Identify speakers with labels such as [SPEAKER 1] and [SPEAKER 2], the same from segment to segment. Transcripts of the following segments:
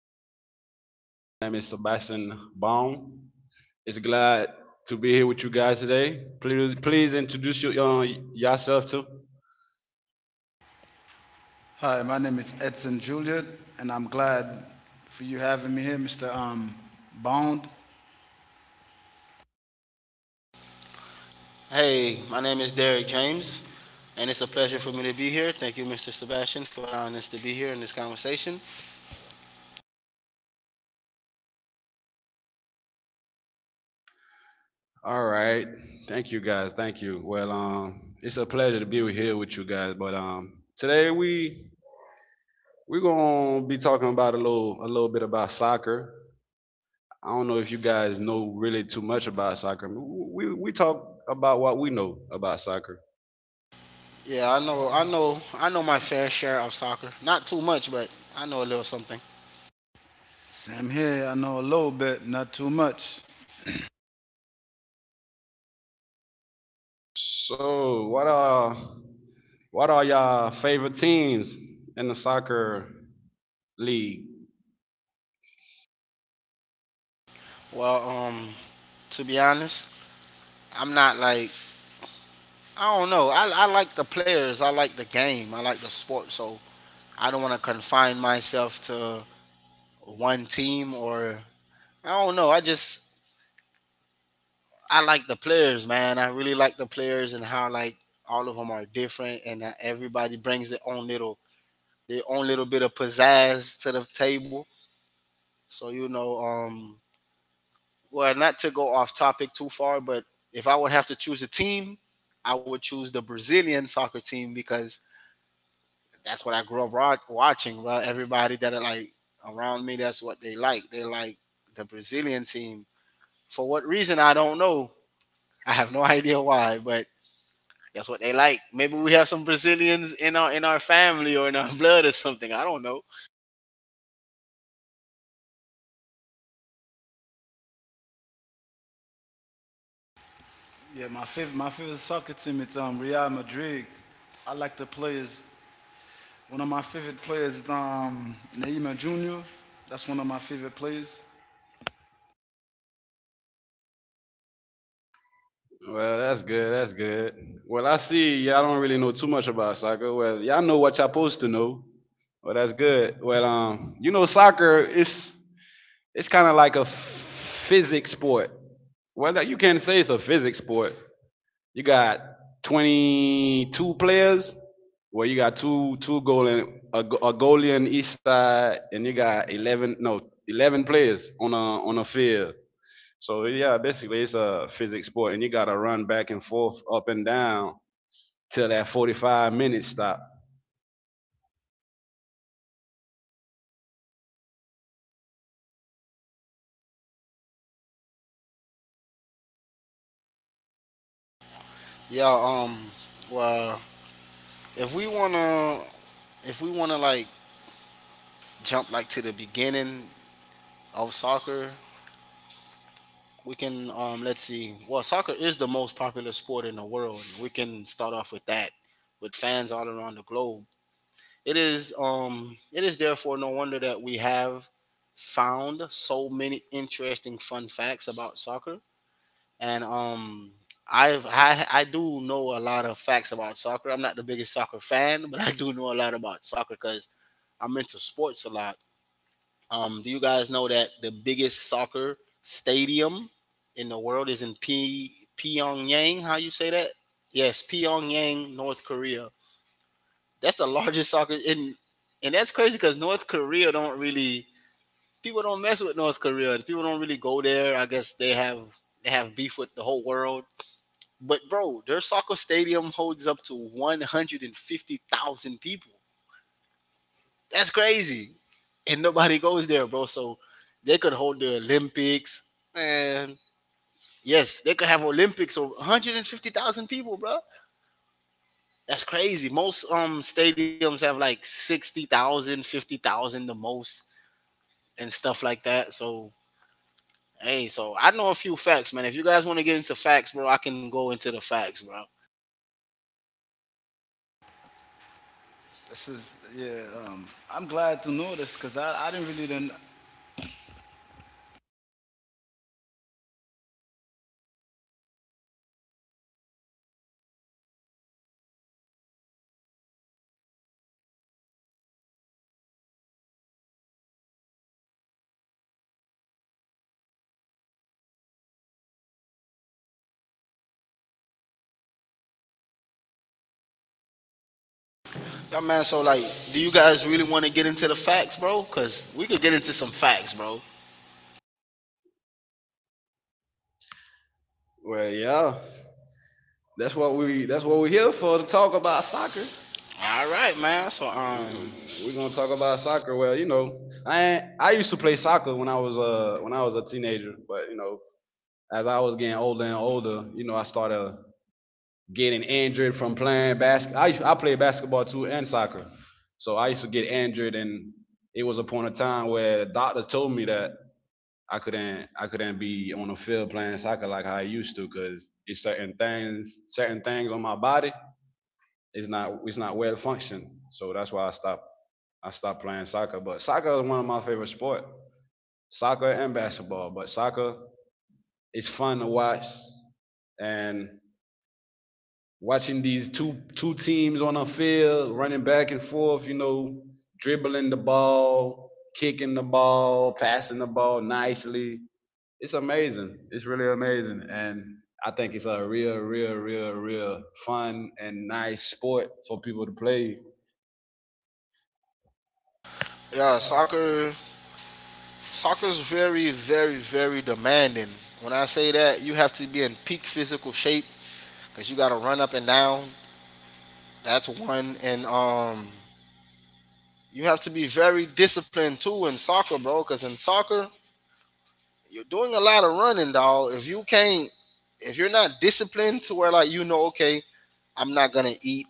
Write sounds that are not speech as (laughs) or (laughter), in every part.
[SPEAKER 1] I'm the host. My name is Sebastian Baum. It's glad to be here with you guys today. Please introduce your, yourself too.
[SPEAKER 2] Hi, my name is Edson Juliet, and I'm glad for you having me here, Mr. Bond.
[SPEAKER 3] Hey, my name is Derek James, and it's a pleasure for me to be here. Thank you, Mr. Sebastian, for allowing us to be here in this conversation.
[SPEAKER 1] All right. Thank you guys. Thank you. Well, it's a pleasure to be here with you guys. But today we're gonna be talking about a little bit about soccer. I don't know if you guys know really too much about soccer. We talk about what we know about soccer.
[SPEAKER 3] Yeah, I know my fair share of soccer. Not too much, but I know a little something.
[SPEAKER 2] Same here. I know a little bit, not too much.
[SPEAKER 1] So, what are y'all favorite teams in the soccer league?
[SPEAKER 3] Well, um, to be honest, I'm not like I don't know. I like the players. I like the game. I like the sport. So I don't want to confine myself to one team or I don't know. I just I like the players, man. I really like the players, and how like all of them are different and that everybody brings their own little bit of pizzazz to the table. So well, not to go off topic too far, but if I would have to choose a team, I would choose the Brazilian soccer team because that's what I grew up watching. Bro, everybody that are like around me, that's what they like. They like the Brazilian team. For what reason, I don't know. I have no (laughs) idea why, but that's what they like. Maybe we have some Brazilians in our family or in our (laughs) blood or something. I don't know.
[SPEAKER 2] Yeah, my favorite soccer team is Real Madrid. I like the players. One of my favorite players is Neymar Jr. That's one of my favorite players.
[SPEAKER 1] Well, that's good. That's good. Well, I see y'all don't really know too much about soccer. Well, y'all know what y'all supposed to know. Well, that's good. Well, you know, soccer is it's kind of like a physics sport. Well, you can not say it's a physics sport. You got 22 players. Well, you got two goal a, a goalie on each side, and you got 11 no 11 players on a field. So yeah, basically it's a physics sport, and you got to run back and forth, up and down till that 45-minute stop.
[SPEAKER 3] Yeah, um well, if we want to if we want to like jump like to the beginning of soccer, we can let's see. Well, soccer is the most popular sport in the world. We can start off with that, with fans all around the globe. It is therefore no wonder that we have found so many interesting fun facts about soccer. And I do know a lot of facts about soccer. I'm not the biggest soccer fan, but I do know a lot about soccer because I'm into sports a lot. Do you guys know that the biggest soccer stadium in the world is in Pyongyang? How you say that? Yes, Pyongyang, North Korea. That's the largest soccer in, and that's crazy because North Korea don't really people don't mess with North Korea. People don't really go there. I guess they have beef with the whole world, but bro, their soccer stadium holds up to 150,000 people. That's crazy. And nobody goes there, bro. So they could hold the Olympics. Man, yes, they could have Olympics of 150,000 people, bro. That's crazy. Most stadiums have like 60,000, 50,000, the most and stuff like that. So, hey, so I know a few facts, man. If you guys want to get into facts, bro, I can go into the facts, bro.
[SPEAKER 2] This is yeah. I'm glad to know this because I didn't really didn't,
[SPEAKER 3] Yeah, man. So, like, do you guys really want to get into the facts, bro? Cause we could get into some facts, bro.
[SPEAKER 1] Well, yeah, that's what we that's what we're here for, to talk about soccer.
[SPEAKER 3] All right, man. So,
[SPEAKER 1] We're gonna talk about soccer. Well, you know, I used to play soccer when I was a teenager, but you know, as I was getting older and older, you know, I started getting injured from playing basketball. I played basketball too, and soccer. So I used to get injured, and it was a point of time where doctors told me that I couldn't be on the field playing soccer like how I used to, because it's certain things on my body, it's not well functioned. So that's why I stopped playing soccer. But soccer is one of my favorite sport. Soccer and basketball. But soccer, it's fun to watch, and watching these two teams on a field running back and forth, you know, dribbling the ball, kicking the ball, passing the ball nicely. It's amazing. It's really amazing. And I think it's a real, real, real, real fun and nice sport for people to play.
[SPEAKER 3] yeah, soccer, soccer's very, very, very demanding. When I say that, you have to be in peak physical shape, cause you gotta run up and down. That's one, and you have to be very disciplined too in soccer, bro. Cause in soccer, you're doing a lot of running, dog. If you can't, if you're not disciplined to where like you know, okay, I'm not gonna eat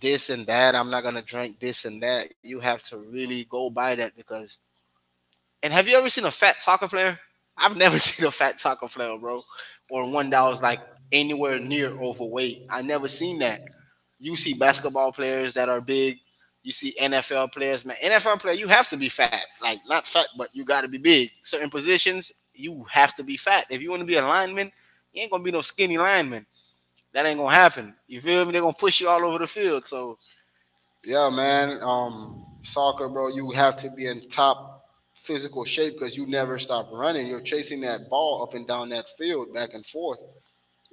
[SPEAKER 3] this and that. I'm not gonna drink this and that. You have to really go by that because. And have you ever seen a fat soccer player? I've never (laughs) seen a fat soccer player, bro, or one that was like anywhere near overweight. I never seen that. You see basketball players that are big. You see NFL players, man. NFL player, you have to be fat. Like not fat, but you got to be big. Certain positions, you have to be fat. If you want to be a lineman, you ain't gonna be no skinny lineman. That ain't gonna happen. You feel me? They're gonna push you all over the field. So yeah, man. Soccer, bro, you have to be in top physical shape because you never stop running. You're chasing that ball up and down that field, back and forth.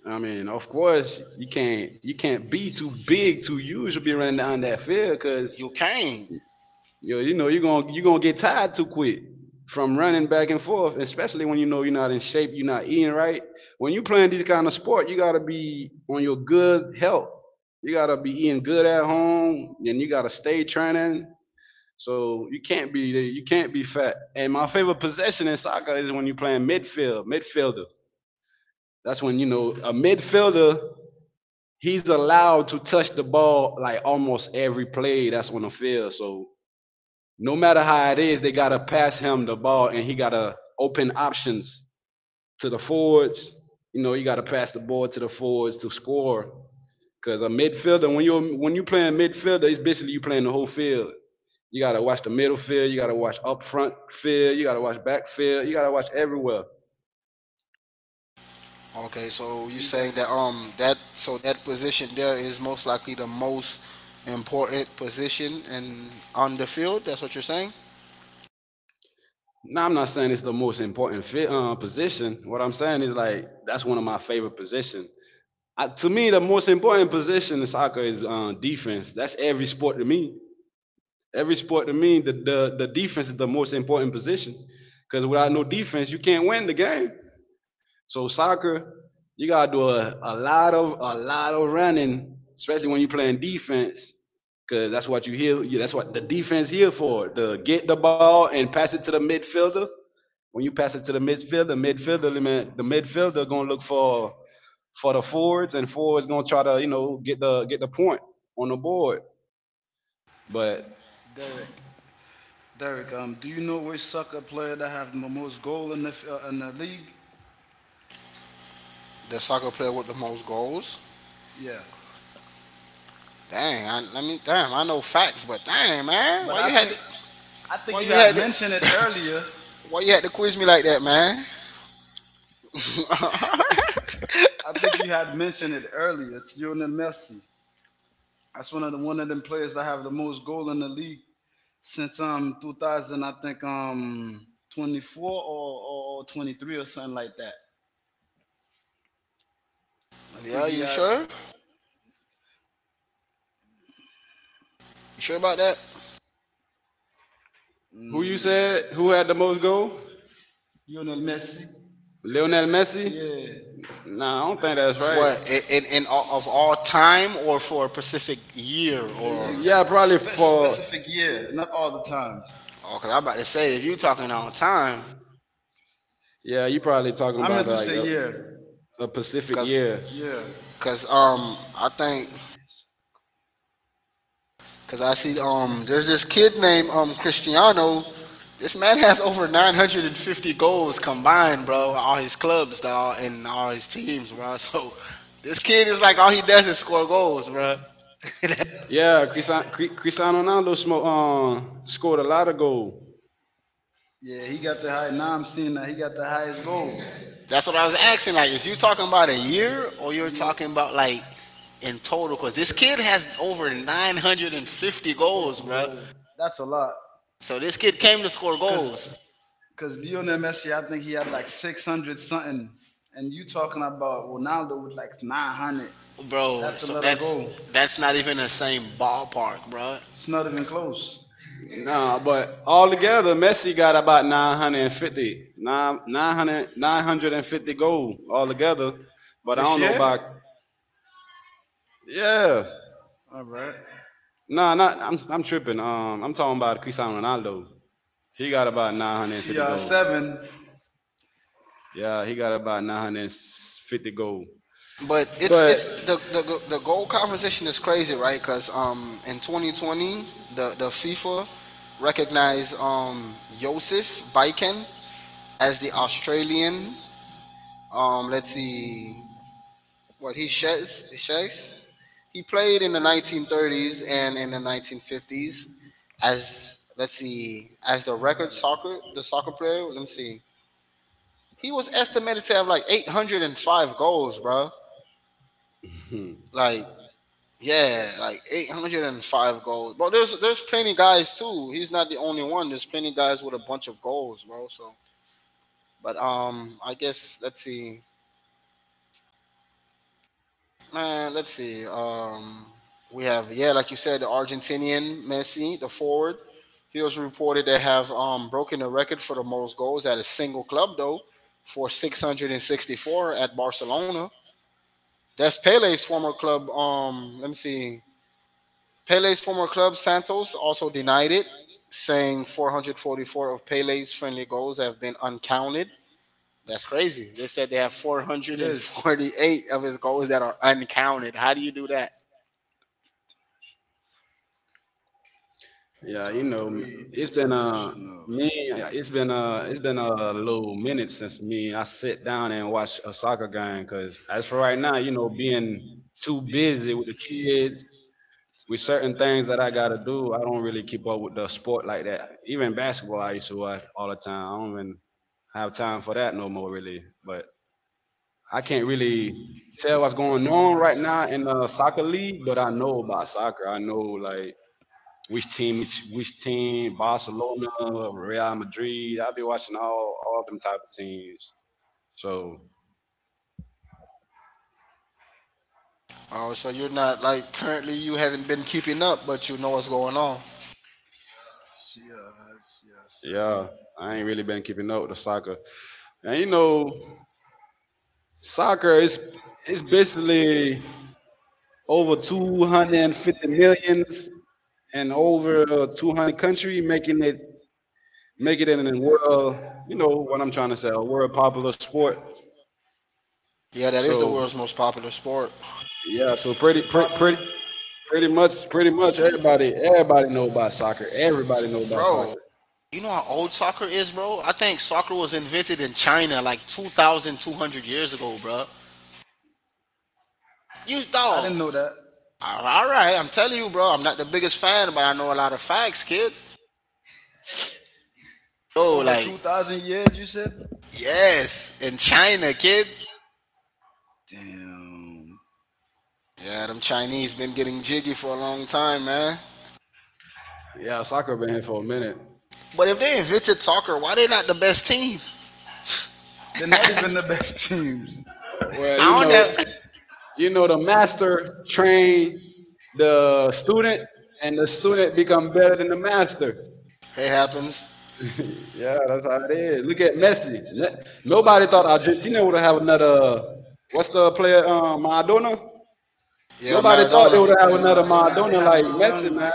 [SPEAKER 1] I mean, of course, you can't be too big, too huge to be running down that field, because
[SPEAKER 3] You can't.
[SPEAKER 1] you know you're gonna get tired too quick from running back and forth, especially when you know you're not in shape, you're not eating right. When you playing these kind of sport, you gotta be on your good health. You gotta be eating good at home, and you gotta stay training. So you can't be fat. And my favorite possession in soccer is when you're playing midfield, midfielder. That's when you know a midfielder, he's allowed to touch the ball like almost every play that's on the field. So no matter how it is, they gotta pass him the ball, and he gotta open options to the forwards. You know, you gotta pass the ball to the forwards to score. Cause a midfielder, when you playing midfielder, it's basically you playing the whole field. You gotta watch the middle field, you gotta watch up front field, you gotta watch back field, you gotta watch everywhere.
[SPEAKER 3] Okay, so
[SPEAKER 2] do
[SPEAKER 3] you're
[SPEAKER 2] you
[SPEAKER 3] saying that
[SPEAKER 2] guys,
[SPEAKER 3] that so that position there is most likely the most important position in on the field. That's what you're saying.
[SPEAKER 1] Now I'm not saying it's the most important position. What I'm saying is like that's one of my favorite positions. I, to me, the most important position in soccer is defense. That's every sport to me. Every sport to me, the defense is the most important position. Because without no defense, you can't win the game. So soccer, you gotta do a lot of running, especially when you're playing defense. Cause that's what you here. That's what the defense here for. To get the ball and pass it to the midfielder. When you pass it to the midfielder, the midfielder gonna look for the forwards, and forwards gonna try to, you know, get the point on the board. But
[SPEAKER 2] Derek. Derek, do you know which soccer player that have the most goal in the in the league?
[SPEAKER 3] The soccer player with the most goals.
[SPEAKER 2] Yeah,
[SPEAKER 3] Dang, I mean, damn, I know facts, but dang, man,
[SPEAKER 2] but I think you had mentioned it earlier.
[SPEAKER 3] why you had to quiz me like that, man?
[SPEAKER 2] I think you had mentioned it earlier. It's Lionel Messi. That's one of them players that have the most goal in the league since 2000. I think 24 or 23 or something like that. I think he
[SPEAKER 3] (laughs)
[SPEAKER 2] had
[SPEAKER 3] Sure? You sure about that?
[SPEAKER 1] who you said who had the most goal?
[SPEAKER 2] Lionel Messi.
[SPEAKER 1] Lionel Messi?
[SPEAKER 2] Yeah.
[SPEAKER 1] Nah, I don't think that's right.
[SPEAKER 3] What in all, of all time or for a specific year
[SPEAKER 2] The
[SPEAKER 3] or?
[SPEAKER 2] you,
[SPEAKER 1] Yeah, probably
[SPEAKER 2] spe-
[SPEAKER 1] for
[SPEAKER 2] specific year, not all the times.
[SPEAKER 3] Oh, cause I'm about to say if you talking all time,
[SPEAKER 1] yeah. You probably talking
[SPEAKER 2] I
[SPEAKER 1] about
[SPEAKER 2] meant to
[SPEAKER 1] like
[SPEAKER 2] say yeah,
[SPEAKER 1] a Pacific
[SPEAKER 3] cause
[SPEAKER 1] year.
[SPEAKER 2] yeah,
[SPEAKER 3] I think cause I see there's this kid named Cristiano. This man has over 950 goals combined, bro. All his clubs, dog, and all his teams, bro. So this kid is like all he does is score goals, bro. (laughs)
[SPEAKER 1] Yeah, Cristiano Ronaldo scored a lot of goal.
[SPEAKER 2] yeah. He got the high. Now I'm seeing that he got the highest goal.
[SPEAKER 3] That's what I was asking. Like, if you're talking about a year or you're
[SPEAKER 2] Yeah.
[SPEAKER 3] talking about like in total, because
[SPEAKER 2] T-
[SPEAKER 3] this kid has over 950
[SPEAKER 2] 50
[SPEAKER 3] goals, bro.
[SPEAKER 2] goals. That's a lot.
[SPEAKER 3] So this kid came to score
[SPEAKER 2] Cause,
[SPEAKER 3] goals,
[SPEAKER 2] cause, Lionel Messi, I think he had like 600 something, and you talking about Ronaldo with like 900.
[SPEAKER 3] bro.
[SPEAKER 2] That's a
[SPEAKER 3] So
[SPEAKER 2] let her go.
[SPEAKER 3] that's not even the same ballpark, bro.
[SPEAKER 2] It's not even close.
[SPEAKER 1] No, but altogether, Messi got about 950, nine, 900, 950 goal altogether. But I
[SPEAKER 2] This
[SPEAKER 1] don't know
[SPEAKER 2] year?
[SPEAKER 1] about yeah.
[SPEAKER 2] All right.
[SPEAKER 1] Nah, not I'm I'm tripping. I'm talking about Cristiano Ronaldo. He got about 950 goals.
[SPEAKER 2] CR7.
[SPEAKER 1] Yeah, he got about 950 goals.
[SPEAKER 3] But
[SPEAKER 1] But
[SPEAKER 3] it's the goal composition is crazy, right? Because in 2020 the FIFA recognized Josef Biken as the Australian let's see what he Hes Hes he played in the 1930s and in the 1950s as let's see as the record soccer the soccer player. Let me see. He was estimated to have like 805 goals, bro.
[SPEAKER 1] hmm,
[SPEAKER 3] Like yeah, like 805 goals. But there's plenty guys too. He's not the only one. There's plenty guys with a bunch of goals, bro. So but I guess let's see. Man, let's see. We have yeah, like you said, the Argentinian Messi, the forward. He was reported to have broken the record for the most goals at a single club, though, for 664 at Barcelona. That's Pele's former club. Let me see. Pele's former club, Santos, also denied it, saying 444 of Pele's friendly goals have been uncounted. That's crazy. They said they have
[SPEAKER 2] It is.
[SPEAKER 3] 448 of his goals that are uncounted. How do you do that?
[SPEAKER 1] yeah, you
[SPEAKER 2] Top
[SPEAKER 1] know,
[SPEAKER 2] three international.
[SPEAKER 1] it's been it's been a little minute since me I sit down and watch a soccer game. Cause as for right now, you know, being too busy with the kids, with certain things that I gotta do, I don't really keep up with the sport like that. Even basketball, I used to watch all the time. I don't even have time for that no more, really. But I can't really tell what's going on right now in the soccer league. But I know about soccer. I know like which team is which team, Barcelona, Real Madrid. I've been watching all them type of teams. So
[SPEAKER 3] Oh, so you're not like currently you haven't been keeping up, but you know what's going on.
[SPEAKER 2] CR,
[SPEAKER 1] yeah,
[SPEAKER 2] CR7.
[SPEAKER 1] I ain't really been keeping up with the soccer. And you know, soccer is it's basically over 250 millions and over 200 country making it make it in the world. You know what I'm trying to say, a world popular sport.
[SPEAKER 3] Yeah, that is the
[SPEAKER 1] So
[SPEAKER 3] world's most popular sport.
[SPEAKER 1] yeah, so
[SPEAKER 2] You say
[SPEAKER 1] pretty pretty
[SPEAKER 2] popular?
[SPEAKER 1] pretty Pretty much, pretty much everybody know about soccer. Everybody know about
[SPEAKER 3] Bro,
[SPEAKER 1] soccer.
[SPEAKER 3] you know how old soccer is, bro? I think soccer was invented in China like 2,200 years ago, bro. You
[SPEAKER 2] I
[SPEAKER 3] dog.
[SPEAKER 2] didn't know that.
[SPEAKER 3] All right, I'm telling you, bro. I'm not the biggest fan, but I know a lot of facts, kid. So,
[SPEAKER 2] Over
[SPEAKER 3] like,
[SPEAKER 2] 2,000 years, you said?
[SPEAKER 3] yes, in China, kid.
[SPEAKER 2] Damn.
[SPEAKER 3] Yeah, them Chinese been getting jiggy for a long time, man.
[SPEAKER 1] Yeah, soccer been here for a minute.
[SPEAKER 3] But if they invented soccer, why they not the best team?
[SPEAKER 2] They're not even the best (laughs) teams.
[SPEAKER 1] Well,
[SPEAKER 3] I don't know.
[SPEAKER 1] you know, the master train the student, and the student become better than the master.
[SPEAKER 3] It happens.
[SPEAKER 1] (laughs) Yeah, that's how it is. Look at Messi. Nobody thought Argentina would have another. What's the player? Maradona.
[SPEAKER 3] Yeah,
[SPEAKER 2] Yeah,
[SPEAKER 1] Nobody
[SPEAKER 2] no,
[SPEAKER 1] thought they
[SPEAKER 3] Maradona.
[SPEAKER 2] they're
[SPEAKER 1] would
[SPEAKER 2] not.
[SPEAKER 1] have
[SPEAKER 2] They have
[SPEAKER 1] another
[SPEAKER 2] a
[SPEAKER 1] Maradona
[SPEAKER 2] young.
[SPEAKER 1] like Messi, man.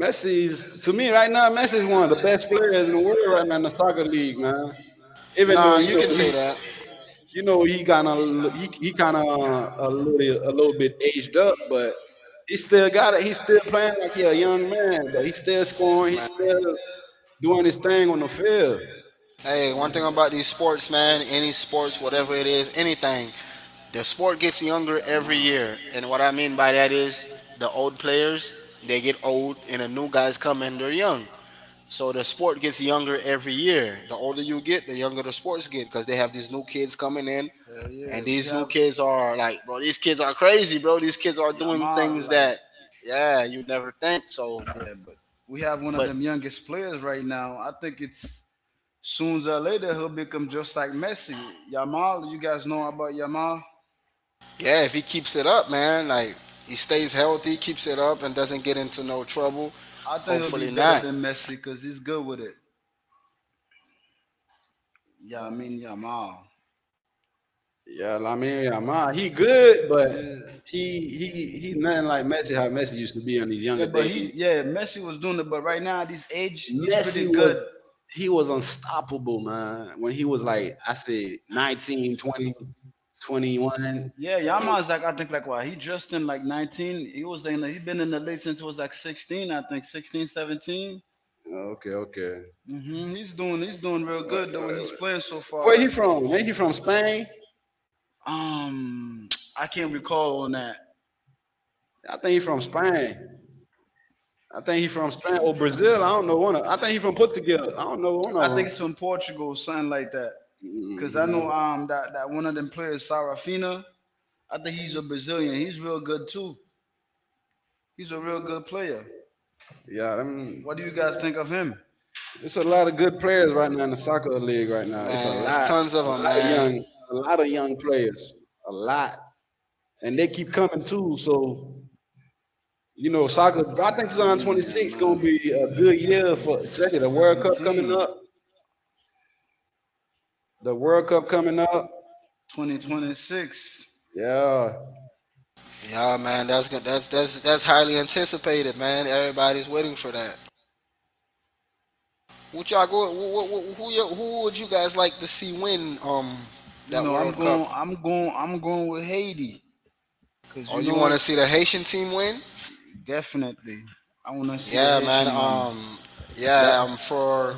[SPEAKER 1] Messi's to me right now. Messi's one of the best players in the world right now in the soccer league, man. Even
[SPEAKER 3] Nah,
[SPEAKER 1] though you
[SPEAKER 3] you
[SPEAKER 1] know
[SPEAKER 3] can say that.
[SPEAKER 1] he kind of a little bit aged up, but he still got it. He's still playing like he a young man, but he's still scoring. He's still doing his thing on the field.
[SPEAKER 2] Yeah,
[SPEAKER 3] Hey,
[SPEAKER 2] but
[SPEAKER 3] one thing about these
[SPEAKER 2] they,
[SPEAKER 3] sports, man, any
[SPEAKER 2] yeah, I
[SPEAKER 3] sports,
[SPEAKER 2] mean,
[SPEAKER 3] whatever it is, anything, the sport gets younger
[SPEAKER 2] Yamal.
[SPEAKER 3] every year. And what I mean by that is the old players, they get old and the new guys come and they're young. So the sport gets younger every year. The older you get, the younger the sports get because they have these new kids coming in
[SPEAKER 2] Hell yeah,
[SPEAKER 3] and
[SPEAKER 2] we
[SPEAKER 3] these
[SPEAKER 2] have
[SPEAKER 3] new kids are like, bro, these kids are crazy, bro. These kids are doing
[SPEAKER 2] Yamal.
[SPEAKER 3] things
[SPEAKER 2] Like
[SPEAKER 3] that yeah, you never think. So
[SPEAKER 2] yeah, but we have one of them youngest players right now. I think it's sooner or later he'll become just like Messi. Yamal, you guys know about Yamal.
[SPEAKER 3] yeah, if he keeps it up, man, like he stays healthy, keeps it up, and doesn't get into no trouble.
[SPEAKER 2] I think he'll be
[SPEAKER 3] Hopefully
[SPEAKER 2] better
[SPEAKER 3] not,
[SPEAKER 2] than Messi because he's good with it. Yeah, I mean Yamal.
[SPEAKER 1] Yeah, I mean, Yamal, he good, but
[SPEAKER 2] Yeah.
[SPEAKER 1] he nothing like Messi. How Messi used to be in his
[SPEAKER 2] Yeah,
[SPEAKER 1] younger
[SPEAKER 2] but he
[SPEAKER 1] days.
[SPEAKER 2] yeah, Messi was doing it, but right now at this age, he's
[SPEAKER 1] Messi
[SPEAKER 2] pretty
[SPEAKER 1] was
[SPEAKER 2] good.
[SPEAKER 1] He was unstoppable, man. When he was like I said, 19, 20,
[SPEAKER 2] 20
[SPEAKER 1] twenty
[SPEAKER 2] 21.
[SPEAKER 1] one.
[SPEAKER 2] Yeah,
[SPEAKER 1] He,
[SPEAKER 2] Yaman's like I think like why he just in like 19. He was in he been in the league since he was like 16, I think 16, 17.
[SPEAKER 1] okay,
[SPEAKER 2] 17. He's doing real good the way
[SPEAKER 1] okay.
[SPEAKER 2] he's playing so far.
[SPEAKER 1] Where he
[SPEAKER 2] Like
[SPEAKER 1] from? Ain't he from Spain?
[SPEAKER 2] um, I can't recall on that.
[SPEAKER 1] I think he from Spain. I think he from Spain or Brazil. I don't know one of. I think he from Portugal. I don't know one of
[SPEAKER 2] I
[SPEAKER 1] them.
[SPEAKER 2] think it's in Portugal, something like that. Cause I know
[SPEAKER 1] Hmm.
[SPEAKER 2] that one of them players, Sarafina, I think he's a Brazilian. He's real good too. He's a real good player.
[SPEAKER 1] Yeah,
[SPEAKER 2] What do you guys think of him?
[SPEAKER 1] it's a lot of good players right now in the soccer league right now.
[SPEAKER 3] man. It's tons of
[SPEAKER 1] A
[SPEAKER 3] them,
[SPEAKER 1] lot of
[SPEAKER 3] man.
[SPEAKER 1] a lot of young a lot, and they keep coming too. So
[SPEAKER 2] You
[SPEAKER 1] you
[SPEAKER 2] know,
[SPEAKER 1] know, soccer.
[SPEAKER 2] soccer,
[SPEAKER 1] I think
[SPEAKER 2] I mean, yeah,
[SPEAKER 1] 2026 gonna
[SPEAKER 2] man.
[SPEAKER 1] be a good
[SPEAKER 2] At the
[SPEAKER 1] year
[SPEAKER 2] age of
[SPEAKER 1] for, especially
[SPEAKER 2] 6,
[SPEAKER 1] the World Cup coming
[SPEAKER 2] 17,
[SPEAKER 1] up. The World Cup coming up.
[SPEAKER 2] 20, 26.
[SPEAKER 1] Yeah,
[SPEAKER 3] Yeah, man. That's good. That's highly anticipated, man. Everybody's waiting for that. What y'all go? Who would you guys like to see win?
[SPEAKER 2] You
[SPEAKER 3] That
[SPEAKER 2] know, I'm
[SPEAKER 3] world.
[SPEAKER 2] going I'm going I'm going with Haiti. Cause
[SPEAKER 3] Or
[SPEAKER 2] you
[SPEAKER 3] you want to
[SPEAKER 2] know,
[SPEAKER 3] see the Haitian team win?
[SPEAKER 2] definitely I wanna see
[SPEAKER 3] Yeah,
[SPEAKER 2] the
[SPEAKER 3] man.
[SPEAKER 2] Haitian one.
[SPEAKER 3] Yeah.
[SPEAKER 1] that.
[SPEAKER 3] For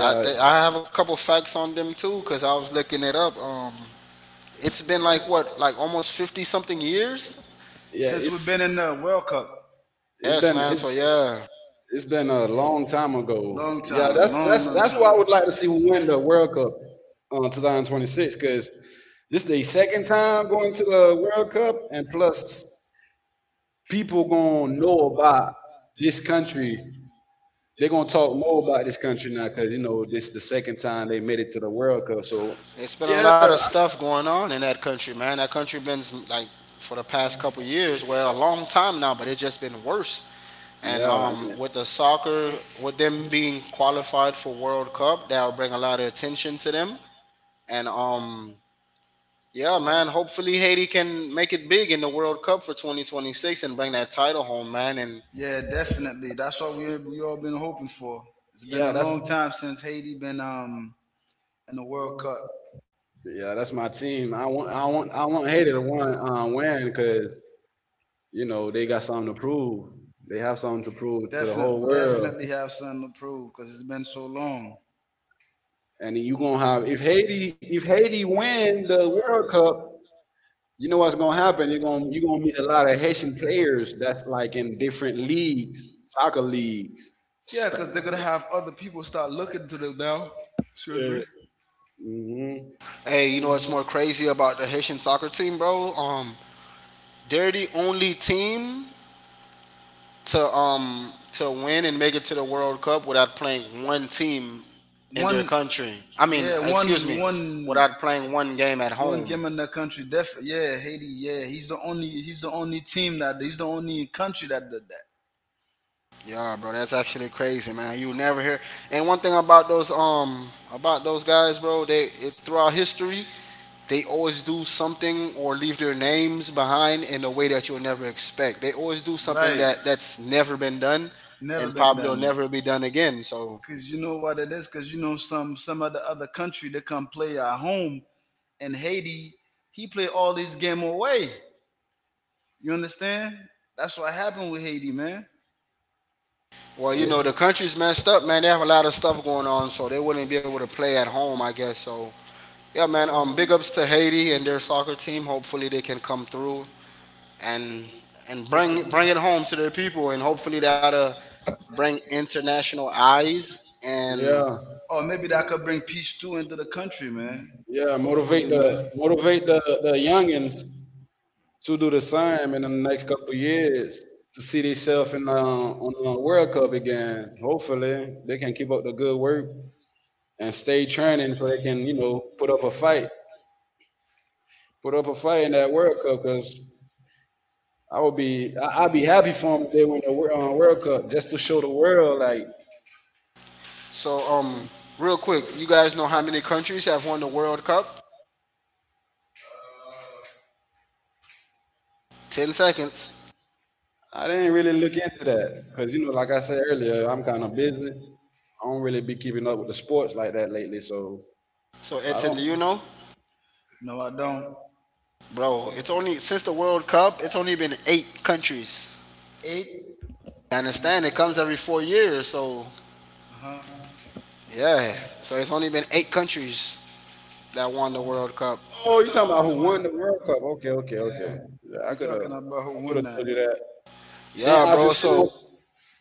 [SPEAKER 3] I have a couple facts on them too, cause I was looking it up. It's been like what, like almost 50 something years.
[SPEAKER 1] yeah. It,
[SPEAKER 2] Since we've been in the World Cup.
[SPEAKER 1] it's
[SPEAKER 3] Yes,
[SPEAKER 1] been
[SPEAKER 3] man.
[SPEAKER 1] it's
[SPEAKER 3] So yeah,
[SPEAKER 1] it's been a long time ago.
[SPEAKER 2] Long
[SPEAKER 1] Yeah,
[SPEAKER 2] time, that's, long, that's, long that's
[SPEAKER 1] that's why
[SPEAKER 2] time.
[SPEAKER 1] I would like to see who win the World Cup on 2026, because this the second time going to the World Cup, and plus people gonna know about this country. They're gonna talk more about this country now, because you know this the second time they made it to the World Cup. So
[SPEAKER 3] it's been
[SPEAKER 1] yeah,
[SPEAKER 3] a lot of stuff going on in that country, man. That country been like for the past couple years, well, a long time now, but it's just been worse. And
[SPEAKER 1] yeah,
[SPEAKER 3] with the soccer, with them being qualified for World Cup, that'll bring a lot of attention to them. And yeah, man, hopefully Haiti can make it big in the World Cup for 2026 and bring that title home, man. And
[SPEAKER 2] Yeah, definitely. That's what we all been hoping for. It's been a
[SPEAKER 1] yeah.
[SPEAKER 2] long time since Haiti been in the World Cup.
[SPEAKER 1] That's my team. I want Haiti to win, 'cause you know, they got something to prove. They have something to prove to the whole
[SPEAKER 2] Definitely,
[SPEAKER 1] world.
[SPEAKER 2] definitely have something to prove because it's been so long.
[SPEAKER 1] And you gonna have if Haiti win the World Cup, you know what's gonna happen. You're gonna meet a lot of Haitian players that's like in different leagues, soccer leagues.
[SPEAKER 2] Yeah, because they're gonna
[SPEAKER 1] Sp-
[SPEAKER 2] have other people start looking to them now. Excuse
[SPEAKER 1] yeah.
[SPEAKER 2] me.
[SPEAKER 1] Hmm.
[SPEAKER 3] hey, you know what's more crazy about the Haitian soccer team, bro? They're the only team to win and make it to the World Cup without playing one team their
[SPEAKER 2] One,
[SPEAKER 3] country. I mean,
[SPEAKER 2] yeah,
[SPEAKER 3] excuse me, without playing one game at
[SPEAKER 2] One
[SPEAKER 3] home.
[SPEAKER 2] game in the country, def yeah, Haiti, yeah. He's the only team that he's the only country that did that.
[SPEAKER 3] Yeah, bro, that's actually crazy, man. You never hear. And one thing about those guys, bro, throughout history, they always do something or leave their names behind in a way that you'll never expect. They always do something
[SPEAKER 2] Right.
[SPEAKER 3] that's never been done
[SPEAKER 2] Never
[SPEAKER 3] and
[SPEAKER 2] been
[SPEAKER 3] probably will
[SPEAKER 2] done.
[SPEAKER 3] never be done again. So
[SPEAKER 2] Cause you know what it is, cause you know some of the other country they come play at home and Haiti, he play all these game away. You understand? That's what happened with Haiti, man.
[SPEAKER 3] Well, you
[SPEAKER 1] Yeah,
[SPEAKER 3] know, the country's messed up, man. They have a lot of stuff going on, so they wouldn't be able to play at home, I guess. So, yeah, man. Big ups to Haiti and their soccer team. Hopefully, they can come through and and
[SPEAKER 2] With the
[SPEAKER 3] bring it home to their people, and hopefully that'll bring international eyes. And
[SPEAKER 1] yeah,
[SPEAKER 2] Or maybe that could bring peace too into the country, man.
[SPEAKER 1] yeah. Motivate
[SPEAKER 2] Hopefully,
[SPEAKER 1] the
[SPEAKER 2] man.
[SPEAKER 1] motivate the the youngins to do the same in the next couple years to see themselves in on the World Cup again. Hopefully, they can keep up the good work and stay training so they can, you know, put up a fight in that World Cup. Because I'd be happy for them if they win the World Cup just to show the world. Like
[SPEAKER 3] so, real quick, you guys know how many countries have won the World Cup? 10 seconds.
[SPEAKER 1] I didn't really look into that because, you know, like I said earlier, I'm kind of busy. I don't really be keeping up with the sports like that lately, so
[SPEAKER 3] So,
[SPEAKER 1] I
[SPEAKER 3] Edson,
[SPEAKER 1] don't.
[SPEAKER 3] do you know,
[SPEAKER 2] No, I don't.
[SPEAKER 3] bro? It's only since the World Cup, it's only been eight countries.
[SPEAKER 2] Eight?
[SPEAKER 3] I understand it comes every 4 years, so
[SPEAKER 2] Uh huh.
[SPEAKER 3] Yeah. So it's only been eight countries that won the World Cup.
[SPEAKER 1] Oh, you talking about who won the World Cup? Okay, okay, okay. Yeah,
[SPEAKER 2] You talking about
[SPEAKER 1] I could
[SPEAKER 2] one
[SPEAKER 1] have
[SPEAKER 2] night?
[SPEAKER 1] told you that.
[SPEAKER 3] Yeah,
[SPEAKER 1] Then
[SPEAKER 3] bro. So
[SPEAKER 1] Argentina,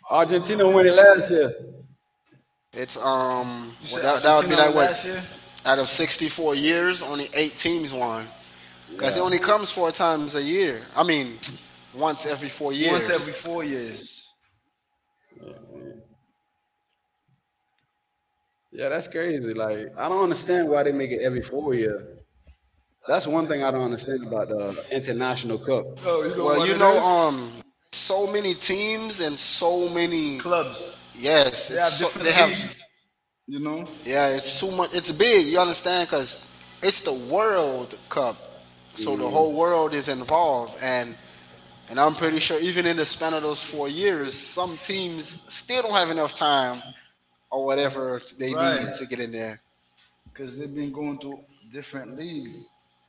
[SPEAKER 1] Argentina won it last year.
[SPEAKER 3] it's
[SPEAKER 2] You
[SPEAKER 3] well,
[SPEAKER 2] said
[SPEAKER 3] that would be
[SPEAKER 2] Argentina
[SPEAKER 3] like
[SPEAKER 2] went
[SPEAKER 3] what
[SPEAKER 2] last year?
[SPEAKER 3] out of 64 years, only eight teams won because it
[SPEAKER 1] Yeah,
[SPEAKER 3] only comes four times a year. I mean, (tsk) once every four
[SPEAKER 2] Once every
[SPEAKER 3] years.
[SPEAKER 2] 4 years.
[SPEAKER 1] yeah, yeah, that's crazy. Like I don't understand why they make it every 4 year. That's one thing I don't understand about the international cup.
[SPEAKER 2] Oh, you know
[SPEAKER 3] Well,
[SPEAKER 2] what
[SPEAKER 3] you
[SPEAKER 2] it
[SPEAKER 3] know,
[SPEAKER 2] is?
[SPEAKER 3] um, so many teams and so many.
[SPEAKER 2] Clubs.
[SPEAKER 3] Yes,
[SPEAKER 2] They
[SPEAKER 3] it's
[SPEAKER 2] have
[SPEAKER 3] so they
[SPEAKER 2] different
[SPEAKER 3] have.
[SPEAKER 2] leagues, you know?
[SPEAKER 3] Yeah, it's so much. It's big. You understand? Because it's the World Cup, so the
[SPEAKER 1] Mm.
[SPEAKER 3] whole world is involved and I'm pretty sure even in the span of those 4 years, some teams still don't have enough time or whatever to,
[SPEAKER 2] Right.
[SPEAKER 3] to get in there.
[SPEAKER 2] Because they've been going to different leagues,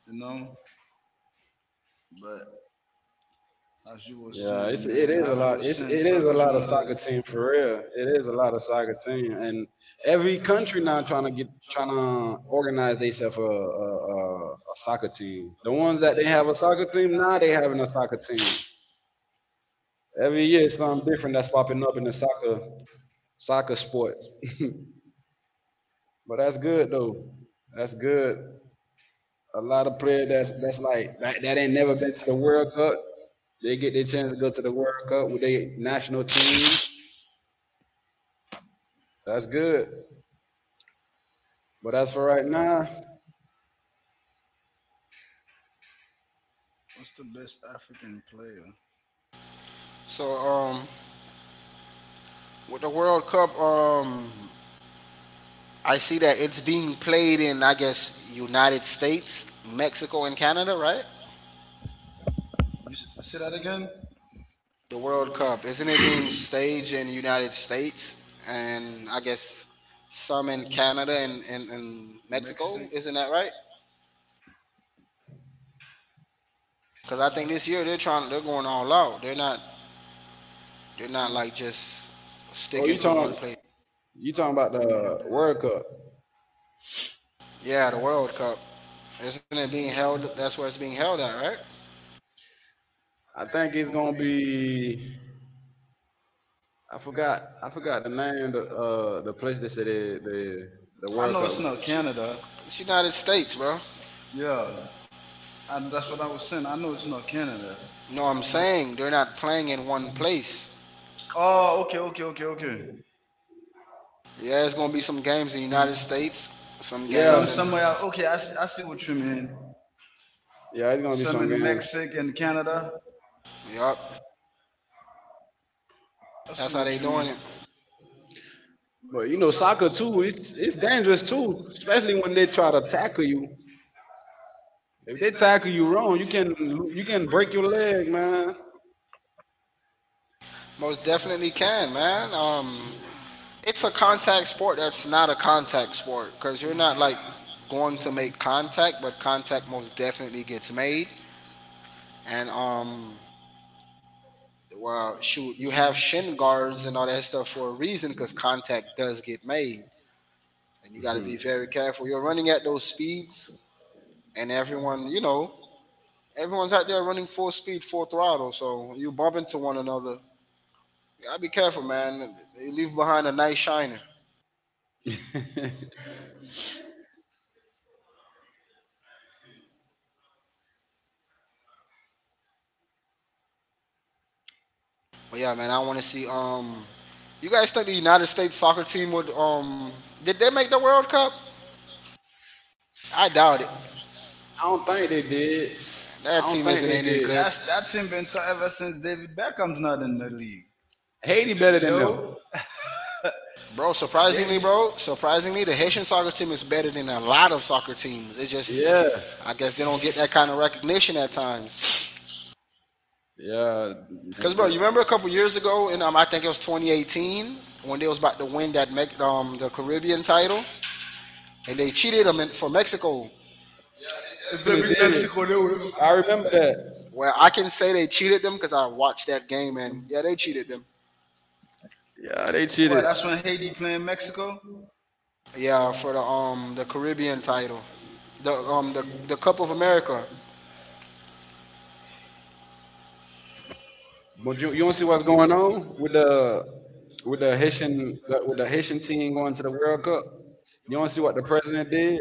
[SPEAKER 2] you know? But as you was
[SPEAKER 1] Yeah,
[SPEAKER 2] saying,
[SPEAKER 1] it's it
[SPEAKER 2] man,
[SPEAKER 1] is a
[SPEAKER 2] as you
[SPEAKER 1] lot.
[SPEAKER 2] was
[SPEAKER 1] It's
[SPEAKER 2] saying,
[SPEAKER 1] it is a
[SPEAKER 2] Sucker's
[SPEAKER 1] lot
[SPEAKER 2] one
[SPEAKER 1] of
[SPEAKER 2] of
[SPEAKER 1] soccer
[SPEAKER 2] the.
[SPEAKER 1] team for real. It is a lot of soccer team, and every country now trying to organize themselves a soccer team. The ones that they have a soccer team now, they having a soccer team every year. It's something different that's popping up in the soccer sport. (laughs) But that's good though. That's good. A lot of players that's like that, that ain't never been to the World Cup. They get their chance to go to the World Cup with their national team. That's good. But as for right now,
[SPEAKER 2] What's the best African player?
[SPEAKER 3] So with the World Cup, I see that it's being played in, I guess, United States, Mexico, and Canada, right?
[SPEAKER 2] You say that again?
[SPEAKER 3] The World Cup isn't it being staged in United States and I guess some in Canada and Mexico?
[SPEAKER 2] Mexico.
[SPEAKER 3] Isn't that right? Because I think this year they're trying, they're going all out. They're not like just
[SPEAKER 1] oh,
[SPEAKER 3] sticking
[SPEAKER 1] you
[SPEAKER 3] to one
[SPEAKER 1] talking
[SPEAKER 3] place.
[SPEAKER 1] you talking
[SPEAKER 2] I
[SPEAKER 1] about
[SPEAKER 2] Premier
[SPEAKER 1] the World
[SPEAKER 2] League.
[SPEAKER 1] Cup?
[SPEAKER 3] Yeah, the World Cup. Isn't it being held? That's where it's being held at, right?
[SPEAKER 1] I think it's gonna be. I forgot. I forgot the name. The place they said the
[SPEAKER 2] I
[SPEAKER 1] World
[SPEAKER 2] know it's
[SPEAKER 1] Cup.
[SPEAKER 2] not
[SPEAKER 3] She,
[SPEAKER 2] Canada.
[SPEAKER 3] it's United States, bro.
[SPEAKER 2] Yeah, and that's what I was saying. I know it's not Canada.
[SPEAKER 3] No, I'm saying they're not playing in one place.
[SPEAKER 2] Oh, okay, okay, okay, okay.
[SPEAKER 3] Yeah, there's gonna be some games in the United States. Some games.
[SPEAKER 1] Yeah,
[SPEAKER 2] Somewhere. Else. Okay, I see what you mean.
[SPEAKER 1] yeah, it's gonna be
[SPEAKER 2] Some
[SPEAKER 1] some
[SPEAKER 2] in
[SPEAKER 1] games.
[SPEAKER 2] Mexico and Canada.
[SPEAKER 3] Yup,
[SPEAKER 2] I see
[SPEAKER 3] that's how
[SPEAKER 2] what
[SPEAKER 3] they
[SPEAKER 2] you
[SPEAKER 3] doing
[SPEAKER 2] mean.
[SPEAKER 3] it.
[SPEAKER 1] But you know, soccer too. It's dangerous too, especially when they try to tackle you. If they tackle you wrong, you can break your leg, man.
[SPEAKER 3] Most definitely can, man. It's a contact sport that's not a contact sport because you're not like going to make contact, but contact most definitely gets made. And well, shoot, you have shin guards and all that stuff for a reason because contact does get made, and you got to be
[SPEAKER 1] Mhm.
[SPEAKER 3] very careful. You're running at those speeds, and everyone's out there running full speed, full throttle, so you bump into one another. Gotta be careful, man. You leave behind a nice shiner.
[SPEAKER 1] (laughs)
[SPEAKER 3] But yeah, man, I want to see. You guys think the United States soccer team would? Did they make the World Cup? I doubt it.
[SPEAKER 1] I don't think they did.
[SPEAKER 3] That
[SPEAKER 1] I
[SPEAKER 3] team
[SPEAKER 1] don't
[SPEAKER 3] isn't
[SPEAKER 1] think
[SPEAKER 3] in
[SPEAKER 1] they
[SPEAKER 3] any
[SPEAKER 1] did.
[SPEAKER 3] good
[SPEAKER 2] That's that team been so ever since David Beckham's not in the league.
[SPEAKER 1] Haiti better
[SPEAKER 2] You
[SPEAKER 1] than
[SPEAKER 2] know,
[SPEAKER 1] them.
[SPEAKER 3] Bro, surprisingly,
[SPEAKER 2] David.
[SPEAKER 3] bro, surprisingly, the Haitian soccer team is better than a lot of soccer teams. It just,
[SPEAKER 1] Yeah.
[SPEAKER 3] I guess they don't get that kind of recognition at times.
[SPEAKER 1] Yeah. that-
[SPEAKER 3] Cause, bro, you
[SPEAKER 1] that-
[SPEAKER 3] remember a couple years ago, and I think it was 2018 when they was about to win that the Caribbean title, and they cheated them in, for Mexico.
[SPEAKER 2] If they beat
[SPEAKER 1] did,
[SPEAKER 2] Mexico, they would.
[SPEAKER 1] I remember that.
[SPEAKER 3] Well, I can say they cheated them because I watched that game, and yeah, they cheated them.
[SPEAKER 1] Yeah, they cheated.
[SPEAKER 2] What? That's when Haiti playing Mexico.
[SPEAKER 3] Yeah, for the Caribbean title, the Cup of America.
[SPEAKER 1] But you want to see what's going on with the Haitian team going to the World Cup? You want to see what the president did?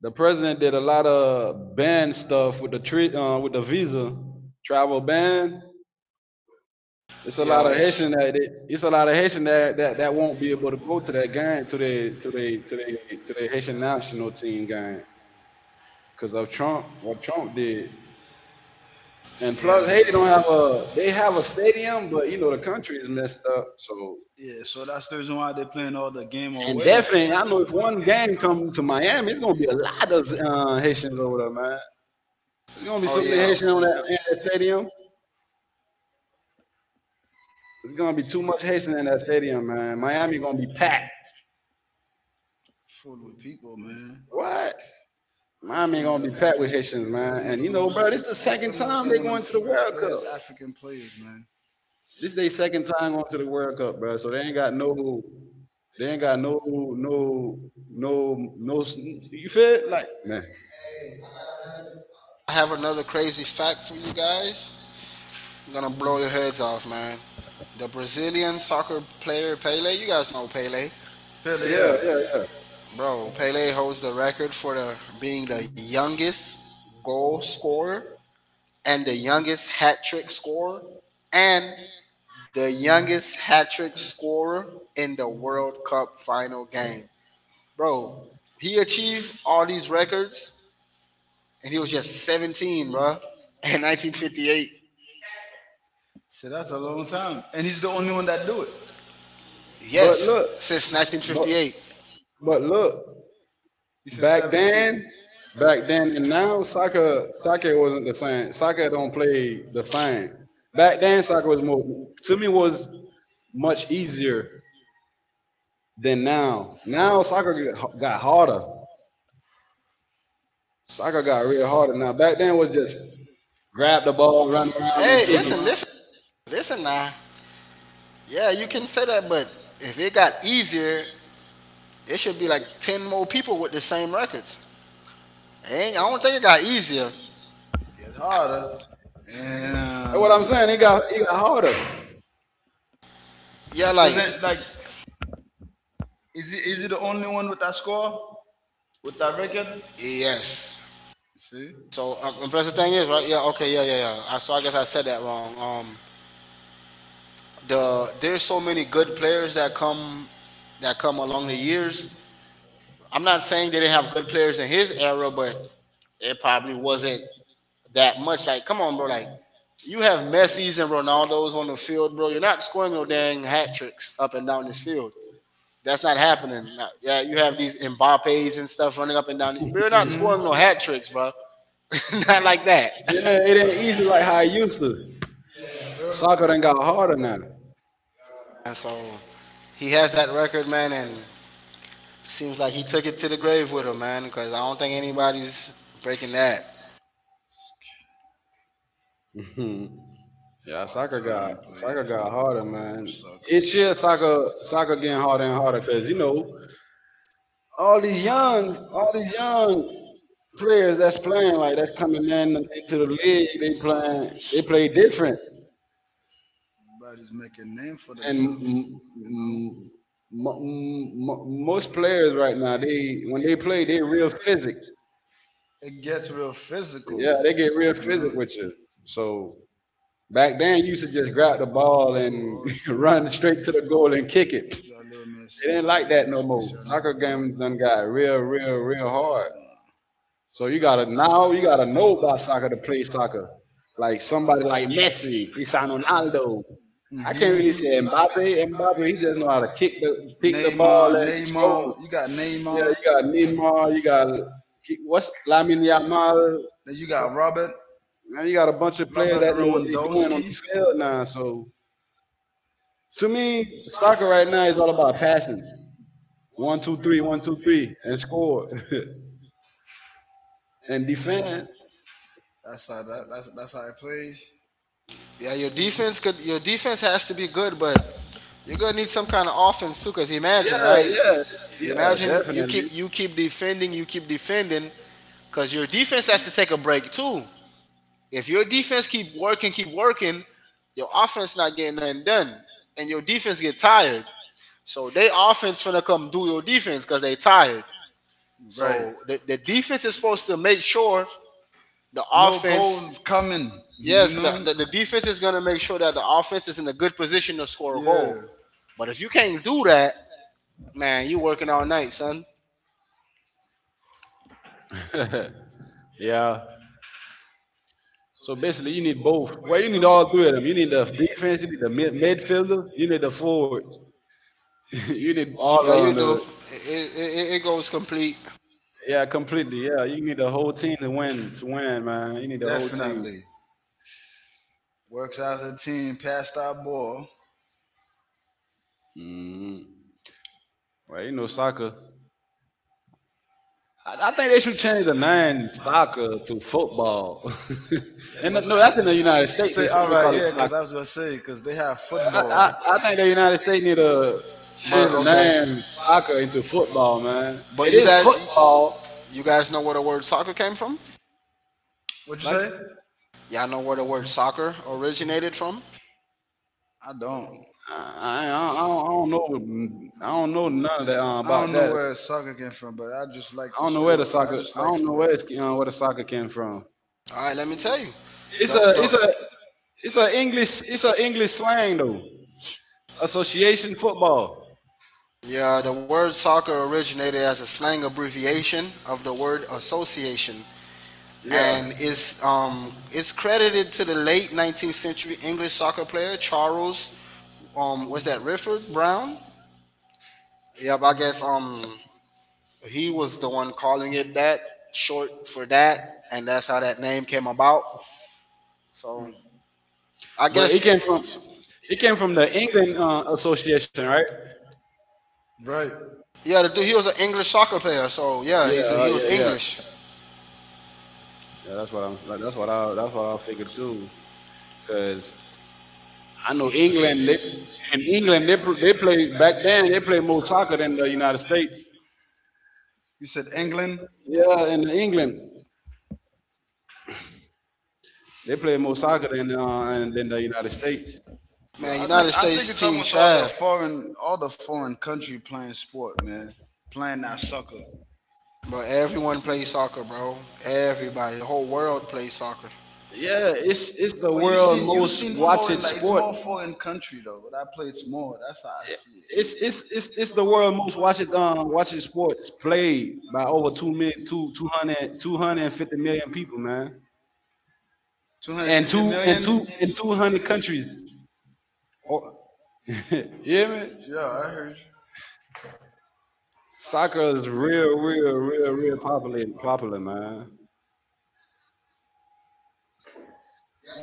[SPEAKER 1] The president did a lot of ban stuff with the visa travel ban. It's a lot
[SPEAKER 3] Yeah,
[SPEAKER 1] of
[SPEAKER 3] it's,
[SPEAKER 1] Haitian that it, it's a lot of Haitian that won't be able to go to that game to the Haitian national team game because of Trump what Trump did. And plus,
[SPEAKER 3] yeah,
[SPEAKER 1] Haiti don't
[SPEAKER 3] yeah.
[SPEAKER 1] have a they have a stadium, but you know the country is messed up. So
[SPEAKER 2] Yeah, so that's the reason why they're playing all the game
[SPEAKER 1] and
[SPEAKER 2] away.
[SPEAKER 1] definitely, I know if one game come to Miami, it's gonna be a lot of Haitians over there, man. There's gonna be
[SPEAKER 3] Oh
[SPEAKER 1] so many
[SPEAKER 3] yeah.
[SPEAKER 1] Haitians in that stadium. It's gonna be too much Haitian in that stadium, man. Miami gonna be packed.
[SPEAKER 2] Full with people, man.
[SPEAKER 1] What?
[SPEAKER 2] That's
[SPEAKER 1] Miami
[SPEAKER 2] one of
[SPEAKER 1] gonna
[SPEAKER 2] the.
[SPEAKER 1] be packed with
[SPEAKER 2] Do
[SPEAKER 1] Haitians,
[SPEAKER 2] you
[SPEAKER 1] man.
[SPEAKER 2] guys know
[SPEAKER 1] And you
[SPEAKER 2] the
[SPEAKER 1] know,
[SPEAKER 2] most?
[SPEAKER 1] bro, this is the
[SPEAKER 2] What's
[SPEAKER 1] second
[SPEAKER 2] the most
[SPEAKER 1] time
[SPEAKER 2] I
[SPEAKER 1] they're
[SPEAKER 2] want
[SPEAKER 1] going to the
[SPEAKER 2] to
[SPEAKER 1] World Cup.
[SPEAKER 2] players? African players, man.
[SPEAKER 1] This is their second time going to the World Cup, bro. So they ain't got no, no, no, no. You feel it, like, man?
[SPEAKER 3] I have another crazy fact for you guys. I'm gonna blow your heads off, man. The Brazilian soccer player Pele, you guys know Pele.
[SPEAKER 2] Pele,
[SPEAKER 1] Yeah,
[SPEAKER 2] yeah.
[SPEAKER 1] yeah, yeah.
[SPEAKER 3] Bro, Pele holds the record for being the youngest goal scorer and the youngest hat trick scorer and the youngest hat trick scorer in the World Cup final game. Bro, he achieved all these records and he was just 17, bro, in 1958.
[SPEAKER 2] So that's a long time, and he's the only one that do it.
[SPEAKER 1] But look,
[SPEAKER 3] Yes, since
[SPEAKER 1] but
[SPEAKER 3] 1958.
[SPEAKER 1] but look,
[SPEAKER 2] You said
[SPEAKER 1] back
[SPEAKER 2] 17. Back
[SPEAKER 1] then,
[SPEAKER 2] then
[SPEAKER 1] back then and now, soccer wasn't the
[SPEAKER 2] Soccer
[SPEAKER 1] same. Soccer don't play the same. Back then, soccer
[SPEAKER 2] soccer
[SPEAKER 1] was
[SPEAKER 2] was
[SPEAKER 1] more
[SPEAKER 2] don't
[SPEAKER 1] to
[SPEAKER 2] the
[SPEAKER 1] me was much easier than now. Now soccer got harder. Soccer got real harder. Now back then was just grab the ball, run around, and
[SPEAKER 3] Hey,
[SPEAKER 1] kick it.
[SPEAKER 3] listen, listen, listen now. Yeah, you can say that, but if it got easier, it should be like 10 more people with the same records. Ain't, I don't think it got easier.
[SPEAKER 2] Gets harder. And
[SPEAKER 1] That's
[SPEAKER 2] well,
[SPEAKER 1] what I'm
[SPEAKER 2] I'm
[SPEAKER 1] saying. It got harder.
[SPEAKER 2] harder.
[SPEAKER 3] Yeah,
[SPEAKER 2] Because
[SPEAKER 3] like,
[SPEAKER 2] then like is he the only one with that score? With that record?
[SPEAKER 3] yes.
[SPEAKER 2] See?
[SPEAKER 3] So, and plus the thing is, right? Yeah, okay, yeah, yeah, yeah. So I guess I said that wrong. Um, There's so many good players that come along the years. I'm not saying they didn't have good players in his era, but it probably wasn't that much. Like, come on, bro. Like, you have Messi's and Ronaldo's on the field, bro. You're not scoring no dang hat tricks up and down this field. That's not happening. Now, yeah, you have these Mbappe's and stuff running up and down. You're not scoring no hat tricks, bro. (laughs) Not like that.
[SPEAKER 1] Yeah, it ain't easy like how it used to. Soccer done got harder now.
[SPEAKER 3] And so he has that record, man, and seems like he took it to the grave with him, man. Because I don't think anybody's breaking that.
[SPEAKER 2] Now.
[SPEAKER 1] (laughs) Yeah, soccer got
[SPEAKER 2] Time
[SPEAKER 1] soccer
[SPEAKER 2] players
[SPEAKER 1] got
[SPEAKER 2] talk
[SPEAKER 1] harder,
[SPEAKER 2] gold
[SPEAKER 1] man.
[SPEAKER 2] It's
[SPEAKER 1] It should
[SPEAKER 2] suckers.
[SPEAKER 1] soccer soccer getting harder and harder because all these young players that's playing like that's coming in into the league. They play different.
[SPEAKER 2] Everybody's making a name for
[SPEAKER 1] And
[SPEAKER 2] themselves, you know?
[SPEAKER 1] most players right now, they when they play, they real physic.
[SPEAKER 2] It gets real physical, yeah,
[SPEAKER 1] Yeah, they get real physical with you. So back then, you used to just grab the ball and (laughs) run straight to the goal and kick it.
[SPEAKER 2] Got a little
[SPEAKER 1] It
[SPEAKER 2] messy,
[SPEAKER 1] ain't like that no more. Soccer games done got real, real, real hard.
[SPEAKER 2] man.
[SPEAKER 1] So you gotta now you gotta know about soccer to play soccer. Like somebody like Messi, Cristiano Ronaldo. I can't really say
[SPEAKER 2] Mm-hmm.
[SPEAKER 1] Mbappe. Mbappe, he just know how to kick the
[SPEAKER 2] Neymar,
[SPEAKER 1] ball and score.
[SPEAKER 2] Neymar, you got
[SPEAKER 1] Yeah,
[SPEAKER 2] Neymar.
[SPEAKER 1] you got Neymar, you got, what's, Lamine Yamal.
[SPEAKER 2] Then you got Robert,
[SPEAKER 1] Now you got a bunch of players
[SPEAKER 2] Robert
[SPEAKER 1] that know what they're doing on
[SPEAKER 2] Lewandowski.
[SPEAKER 1] the field now. So to me, soccer right now is all about passing. One, two, three, one, two, three, and score. (laughs) And defend.
[SPEAKER 2] That's how that's how it plays.
[SPEAKER 3] Yeah, your defense could. Your defense has to be good, but you're gonna need some kind of offense too. Because imagine,
[SPEAKER 1] Yeah,
[SPEAKER 3] right?
[SPEAKER 1] yeah, yeah,
[SPEAKER 3] Imagine you keep
[SPEAKER 1] definitely.
[SPEAKER 3] you keep defending, you keep defending, because your defense has to take a break too. If your defense keep working, your offense not getting nothing done, and your defense get tired. So they offense finna come do your defense because they tired.
[SPEAKER 2] Right.
[SPEAKER 3] So the defense is supposed to make sure the
[SPEAKER 2] No
[SPEAKER 3] offense.
[SPEAKER 2] goals coming. You
[SPEAKER 3] Yes, the,
[SPEAKER 2] know.
[SPEAKER 3] the,
[SPEAKER 2] (laughs)
[SPEAKER 3] the defense is gonna make sure that the offense is in a good position to score a goal.
[SPEAKER 2] Yeah,
[SPEAKER 3] But if you can't do that, man, you working all night, son.
[SPEAKER 1] (laughs) Yeah. So basically, you need both. Well, you need all three of them. You need the defense, you need the midfielder, you need the forwards. (laughs) You need all
[SPEAKER 3] Yeah, you
[SPEAKER 1] of them.
[SPEAKER 3] do. It goes complete,
[SPEAKER 1] Yeah, completely. Yeah, you need the whole team to win. To win, man, you need the whole team.
[SPEAKER 2] definitely. Works as a team. Pass that ball.
[SPEAKER 1] Mm. Well, you know soccer. I think they should change the name soccer to football.
[SPEAKER 2] (laughs)
[SPEAKER 1] (laughs) And no, that's in the United States. They call it soccer.
[SPEAKER 2] Because I was gonna say because they have But
[SPEAKER 1] I think the United States need to change
[SPEAKER 3] but
[SPEAKER 1] the
[SPEAKER 3] okay.
[SPEAKER 1] name soccer into football, man. It
[SPEAKER 3] But you
[SPEAKER 1] is
[SPEAKER 3] guys,
[SPEAKER 1] football.
[SPEAKER 3] You guys know where the word soccer came from?
[SPEAKER 2] what'd you
[SPEAKER 1] Like
[SPEAKER 2] say?
[SPEAKER 3] Y'all know where the word soccer originated from?
[SPEAKER 2] I don't. I,
[SPEAKER 1] I don't know none of that
[SPEAKER 2] I
[SPEAKER 1] about
[SPEAKER 2] don't know
[SPEAKER 1] that.
[SPEAKER 2] where soccer came from, but I just I like
[SPEAKER 1] I don't know where the soccer. I don't know where the soccer came from.
[SPEAKER 3] All right, let me tell you.
[SPEAKER 1] It's
[SPEAKER 3] The,
[SPEAKER 1] a it's a
[SPEAKER 3] the,
[SPEAKER 1] it's a English slang though. Association football.
[SPEAKER 3] yeah, the word soccer originated as a slang abbreviation of the word association and
[SPEAKER 1] Yeah.
[SPEAKER 3] is it's credited to the late 19th century English soccer player Charles, was that Rifford Brown? Yep, I guess he was the one calling it that, short for that, and that's how that name came about. So I
[SPEAKER 1] But it
[SPEAKER 3] guess
[SPEAKER 1] came from it came from the England Association, right?
[SPEAKER 2] from. Right.
[SPEAKER 3] Yeah, the dude, he was an English soccer player. So yeah,
[SPEAKER 1] Yeah,
[SPEAKER 3] he's a, he
[SPEAKER 1] yeah,
[SPEAKER 3] was
[SPEAKER 1] yeah,
[SPEAKER 3] English.
[SPEAKER 1] yeah. That's what I'm. That's what I. That's what I figured too. Cause I know England. They In England, they play back then. They play more soccer than the United States.
[SPEAKER 2] You said England.
[SPEAKER 1] Yeah, in England they play more soccer than than the United States.
[SPEAKER 2] Yo,
[SPEAKER 3] Man,
[SPEAKER 2] I
[SPEAKER 3] United
[SPEAKER 2] think I think
[SPEAKER 3] States
[SPEAKER 2] it's
[SPEAKER 3] team
[SPEAKER 2] almost all the
[SPEAKER 3] trash.
[SPEAKER 2] foreign all the foreign country playing sport, man. Playing that sucker.
[SPEAKER 3] But everyone plays soccer, bro. Everybody, the whole world plays soccer.
[SPEAKER 1] Yeah, it's the
[SPEAKER 2] But you
[SPEAKER 1] world
[SPEAKER 2] seen you
[SPEAKER 1] most
[SPEAKER 2] seen foreign
[SPEAKER 1] watched
[SPEAKER 2] like it's
[SPEAKER 1] sport.
[SPEAKER 2] more foreign country though. That play it's more. That's how I see it.
[SPEAKER 1] It's the world most watched watching sports played by over two million two two hundred two hundred and fifty million people, man,
[SPEAKER 2] Two hundred
[SPEAKER 1] and
[SPEAKER 2] fifty
[SPEAKER 1] two and
[SPEAKER 2] million.
[SPEAKER 1] two and two
[SPEAKER 2] (laughs)
[SPEAKER 1] hundred countries. Oh, (laughs) you hear me?
[SPEAKER 2] Yeah, I heard
[SPEAKER 1] Soccer is real, real, real, real popular, popular, man.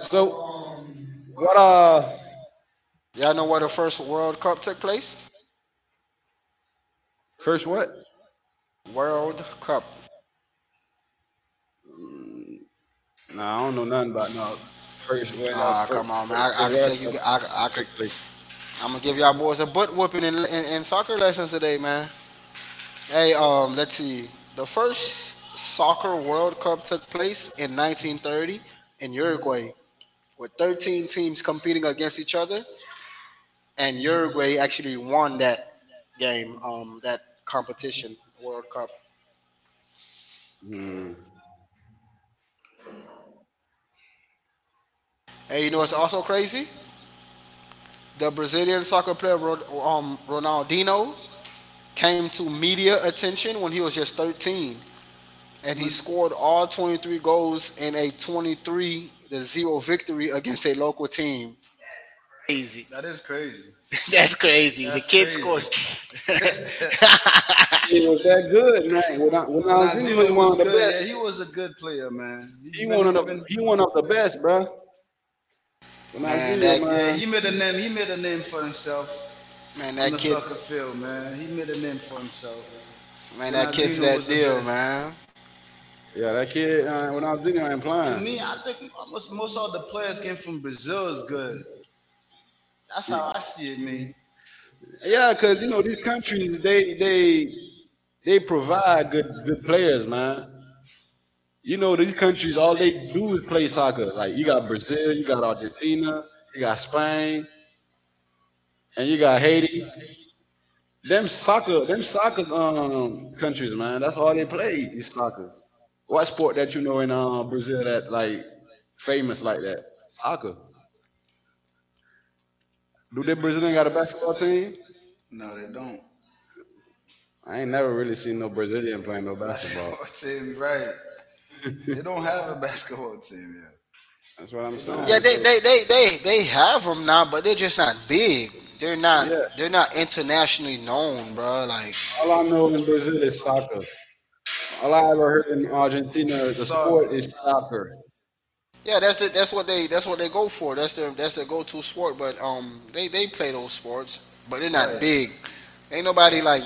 [SPEAKER 1] So, what,
[SPEAKER 3] Y'all know where the first World Cup took place?
[SPEAKER 1] first what?
[SPEAKER 3] World Cup.
[SPEAKER 1] Mm. Nah, I don't know nothing about no
[SPEAKER 3] Ah, come on, man. I
[SPEAKER 1] first
[SPEAKER 3] could
[SPEAKER 1] World
[SPEAKER 3] tell you.
[SPEAKER 1] Cup
[SPEAKER 3] I could.
[SPEAKER 1] took place.
[SPEAKER 3] I'm gonna give y'all boys a butt whooping in soccer lessons today, man. Hey, let's see. The first soccer World Cup took place in 1930 in Uruguay, with 13 teams competing against each other and Uruguay actually won that game, that competition, World Cup.
[SPEAKER 1] Hmm.
[SPEAKER 3] And you know what's also crazy? The Brazilian soccer player Ronaldinho came to media attention when he was just 13, and
[SPEAKER 2] you.
[SPEAKER 3] he
[SPEAKER 2] When
[SPEAKER 3] scored all 23 goals in a 23-0 victory against a local team. Crazy.
[SPEAKER 2] That is crazy.
[SPEAKER 3] (laughs) That's crazy. The
[SPEAKER 2] That's
[SPEAKER 3] kid
[SPEAKER 2] crazy.
[SPEAKER 3] scored. (laughs)
[SPEAKER 1] It was that good, man. When I
[SPEAKER 2] When
[SPEAKER 1] was anyway
[SPEAKER 2] Andino
[SPEAKER 1] one
[SPEAKER 2] was
[SPEAKER 1] of the
[SPEAKER 2] good, yeah, he
[SPEAKER 1] best.
[SPEAKER 2] was a good player, man. He's
[SPEAKER 1] He
[SPEAKER 2] been,
[SPEAKER 1] one
[SPEAKER 2] he's
[SPEAKER 1] of the
[SPEAKER 2] been,
[SPEAKER 1] he one of the best, bruh.
[SPEAKER 3] Man,
[SPEAKER 1] Ronaldinho,
[SPEAKER 2] yeah,
[SPEAKER 1] man.
[SPEAKER 2] he made a name for himself
[SPEAKER 3] man,
[SPEAKER 2] on the
[SPEAKER 3] that kid,
[SPEAKER 2] soccer field, man. He made a name for himself.
[SPEAKER 3] man,
[SPEAKER 2] When
[SPEAKER 3] that kid's
[SPEAKER 2] Aldino was
[SPEAKER 3] that
[SPEAKER 2] the
[SPEAKER 3] deal,
[SPEAKER 2] best.
[SPEAKER 3] man.
[SPEAKER 1] Yeah, that kid. Ronaldinho ain't
[SPEAKER 2] To me,
[SPEAKER 1] playing.
[SPEAKER 2] I think most all the players came from Brazil is good. That's how I see it, man.
[SPEAKER 1] Yeah, cause you know these countries, they provide good players, man. You know these countries, all they do is play soccer. Like you got Brazil, you got Argentina, you got Spain, and you got Haiti. Them soccer countries, man. That's all they play is soccer. What sport that you know in Brazil that like famous like that? Soccer. Do they Brazilian got a basketball team?
[SPEAKER 2] No, they don't.
[SPEAKER 1] I ain't never really seen no Brazilian playing no basketball.
[SPEAKER 2] Basketball (laughs) team, right?
[SPEAKER 1] (laughs)
[SPEAKER 2] They don't have a basketball (laughs) team yet.
[SPEAKER 1] That's what I'm
[SPEAKER 2] They don't.
[SPEAKER 3] Yeah,
[SPEAKER 1] saying.
[SPEAKER 3] they
[SPEAKER 1] So
[SPEAKER 3] they they they they have them now, but they're just not big. They're not
[SPEAKER 1] yeah,
[SPEAKER 3] they're not internationally known, bro. Like
[SPEAKER 1] all I know in Brazil is soccer. All I ever heard in Argentina, the
[SPEAKER 2] Soccer.
[SPEAKER 1] sport is soccer.
[SPEAKER 3] yeah, that's what they go for. That's their go-to sport. But they play those sports, but they're not
[SPEAKER 2] Right.
[SPEAKER 3] big. Ain't nobody like